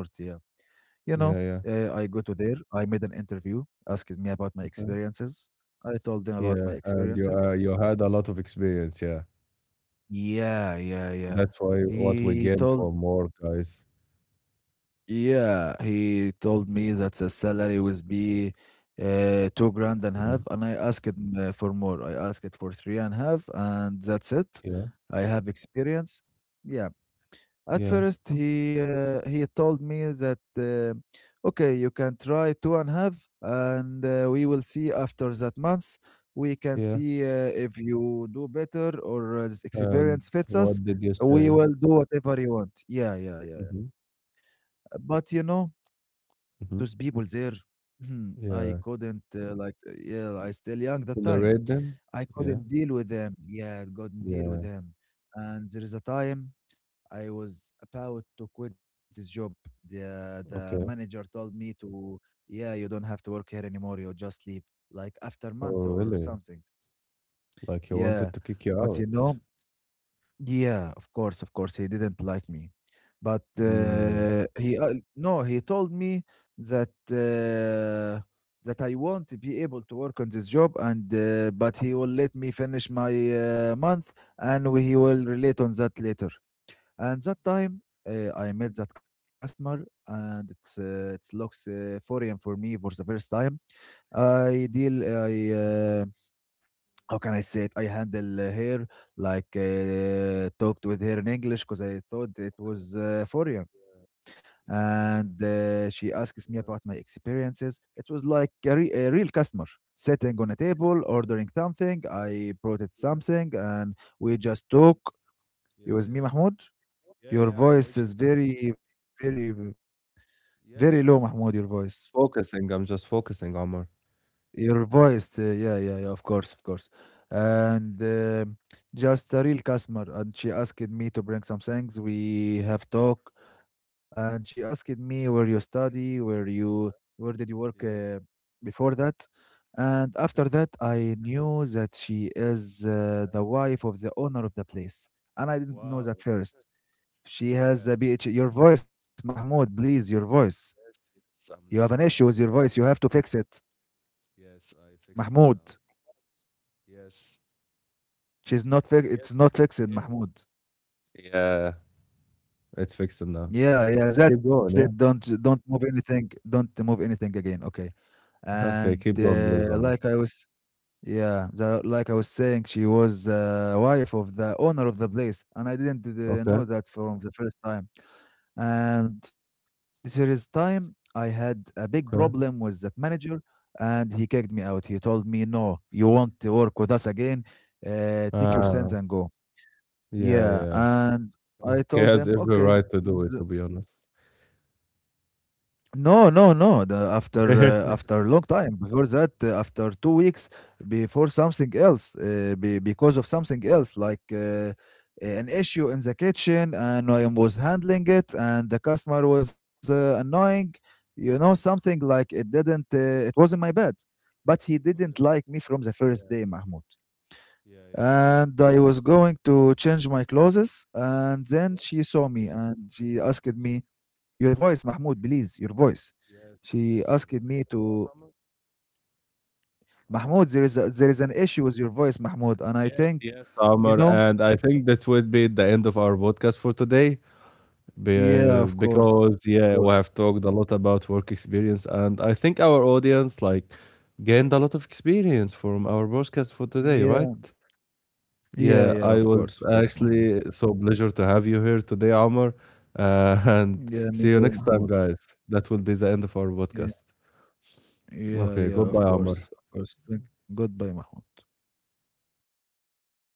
Speaker 2: You know,
Speaker 1: Yeah, yeah.
Speaker 2: I go to there. I made an interview asking me about my
Speaker 1: Okay.
Speaker 2: experiences. I told them about my
Speaker 1: Yeah, and you,
Speaker 2: experiences.
Speaker 1: you had a lot of experience, yeah.
Speaker 2: Yeah, yeah, yeah.
Speaker 1: That's why what we
Speaker 2: He
Speaker 1: gain
Speaker 2: told,
Speaker 1: from more guys.
Speaker 2: yeah, he told me that the salary was be 2 grand and a
Speaker 1: Uh,
Speaker 2: half, and I asked him for more. I asked it for three and a half, and that's it.
Speaker 1: Yeah,
Speaker 2: I have experience. Yeah. At
Speaker 1: yeah,
Speaker 2: first, he told me that okay, you can try two and a half, and we will see after that month. We can
Speaker 1: yeah.
Speaker 2: see if you do better or this
Speaker 1: And
Speaker 2: experience fits us.
Speaker 1: what did you
Speaker 2: We
Speaker 1: say?
Speaker 2: will do whatever you want. Yeah, yeah, yeah, yeah.
Speaker 1: Mm-hmm,
Speaker 2: But those
Speaker 1: mm-hmm.
Speaker 2: people there, hmm, I
Speaker 1: Yeah.
Speaker 2: couldn't like yeah, I still young that time.
Speaker 1: Tolerate them?
Speaker 2: I
Speaker 1: Yeah,
Speaker 2: couldn't deal with them. Yeah, I couldn't deal with
Speaker 1: yeah.
Speaker 2: them. And there is a time I was about to quit this job. The manager
Speaker 1: Okay.
Speaker 2: told me to, yeah, you don't have to work here anymore. You just leave, like after month
Speaker 1: Oh,
Speaker 2: or
Speaker 1: really?
Speaker 2: something.
Speaker 1: Like he
Speaker 2: Yeah,
Speaker 1: wanted to kick you
Speaker 2: but
Speaker 1: out?
Speaker 2: yeah, of course, he didn't like me, but
Speaker 1: Mm.
Speaker 2: he no, he told me that I won't be able to work on this job, and but he will let me finish my month, and we will relate on that later. And that time, I met that customer, and it looks foreign for me for the first time. I deal, I uh, how can I say it? I handle her like talked with her in English because I thought it
Speaker 1: Okay.
Speaker 2: was foreign.
Speaker 1: Yeah, yeah,
Speaker 2: And she asks me about my experiences. It was like a real customer sitting on a table ordering something. I brought it
Speaker 1: yeah,
Speaker 2: something, and we just
Speaker 1: and
Speaker 2: talk. You
Speaker 1: yeah,
Speaker 2: with me,
Speaker 1: yeah.
Speaker 2: Mahmoud?
Speaker 1: Yeah,
Speaker 2: Your
Speaker 1: yeah, I'm
Speaker 2: voice
Speaker 1: with you.
Speaker 2: is very, very, very low,
Speaker 1: Yeah, yeah.
Speaker 2: Mahmoud.
Speaker 1: Just focusing. I'm just focusing, Omar.
Speaker 2: Your voice, yeah, yeah, yeah, of course, of course. And just a real customer. And she asked me to bring some things. We have talk, and she asked me where you study, where did you work
Speaker 1: Yeah.
Speaker 2: before that, and after
Speaker 1: Okay.
Speaker 2: that, I knew that she is the wife of the owner of the place, and I didn't know
Speaker 1: Wow.
Speaker 2: that first. She has
Speaker 1: Yeah.
Speaker 2: a BH. Your voice, Mahmoud, please, your voice.
Speaker 1: Yes. Yes.
Speaker 2: You have
Speaker 1: I'm
Speaker 2: an issue
Speaker 1: listening,
Speaker 2: with your
Speaker 1: Omar.
Speaker 2: voice.
Speaker 1: Yeah.
Speaker 2: You have to fix it.
Speaker 1: Yes. I fixed it now.
Speaker 2: Mahmoud.
Speaker 1: Yes.
Speaker 2: She's not fix. It's
Speaker 1: Yes.
Speaker 2: not fixed,
Speaker 1: I can
Speaker 2: Mahmoud.
Speaker 1: hear it. Yeah. It's fixed now.
Speaker 2: Yeah, yeah,
Speaker 1: Keep
Speaker 2: that's it.
Speaker 1: going. Yeah.
Speaker 2: Don't move anything. Don't move anything again. Okay. And
Speaker 1: Okay. Keep going, please, Omar.
Speaker 2: like I was, yeah, like I was saying, she was wife of the owner of the place, and I didn't
Speaker 1: Okay.
Speaker 2: know that from the first time. And serious time, I had a big
Speaker 1: Okay.
Speaker 2: problem with that manager, and he kicked me out. He told me, "No, you won't work with us again. Take your sins
Speaker 1: Ah.
Speaker 2: and go."
Speaker 1: Yeah.
Speaker 2: Yeah,
Speaker 1: Yeah.
Speaker 2: and I
Speaker 1: He has
Speaker 2: told him,
Speaker 1: every right
Speaker 2: "Okay,
Speaker 1: to do it. To be honest.
Speaker 2: no, no, no. The after
Speaker 1: Okay.
Speaker 2: After a long time before that, after 2 weeks before something else, because of something else, like an issue in the kitchen, and I was handling it, and the customer was annoying. Something like it didn't. It wasn't my bad, but he didn't like me from the first
Speaker 1: Yeah.
Speaker 2: day, Mahmoud,
Speaker 1: Yeah. Yeah.
Speaker 2: and I was going to change my clothes, and then
Speaker 1: Okay.
Speaker 2: she saw me and she asked me, "Your voice, Mahmoud, please, your voice." She
Speaker 1: Yes.
Speaker 2: asked
Speaker 1: Yes,
Speaker 2: me
Speaker 1: Amar. You
Speaker 2: to,
Speaker 1: know what, Amar? Amar,
Speaker 2: "Mahmoud, there
Speaker 1: can you
Speaker 2: is
Speaker 1: hear
Speaker 2: a,
Speaker 1: me?
Speaker 2: there is an issue with your voice, Mahmoud," and I
Speaker 1: Yes,
Speaker 2: think,
Speaker 1: yes,
Speaker 2: you
Speaker 1: Amr,
Speaker 2: know,
Speaker 1: and I think that would be the end of our podcast for today,
Speaker 2: yeah, of
Speaker 1: because,
Speaker 2: course,
Speaker 1: yeah, we have talked a lot about work experience. And I think our audience, like, gained a lot of experience from our podcast for today,
Speaker 2: yeah,
Speaker 1: right?
Speaker 2: yeah,
Speaker 1: Yeah,
Speaker 2: yeah,
Speaker 1: I was
Speaker 2: of course, Mahmoud.
Speaker 1: actually so pleasure to have you here today, Amr. And
Speaker 2: Yeah, me
Speaker 1: see you
Speaker 2: too,
Speaker 1: next time,
Speaker 2: Mahmoud.
Speaker 1: guys. That will be the end of our
Speaker 2: Yeah,
Speaker 1: podcast.
Speaker 2: yeah,
Speaker 1: Okay,
Speaker 2: yeah, of
Speaker 1: goodbye,
Speaker 2: course,
Speaker 1: Amr.
Speaker 2: of course. Thank. Goodbye, Mahmoud.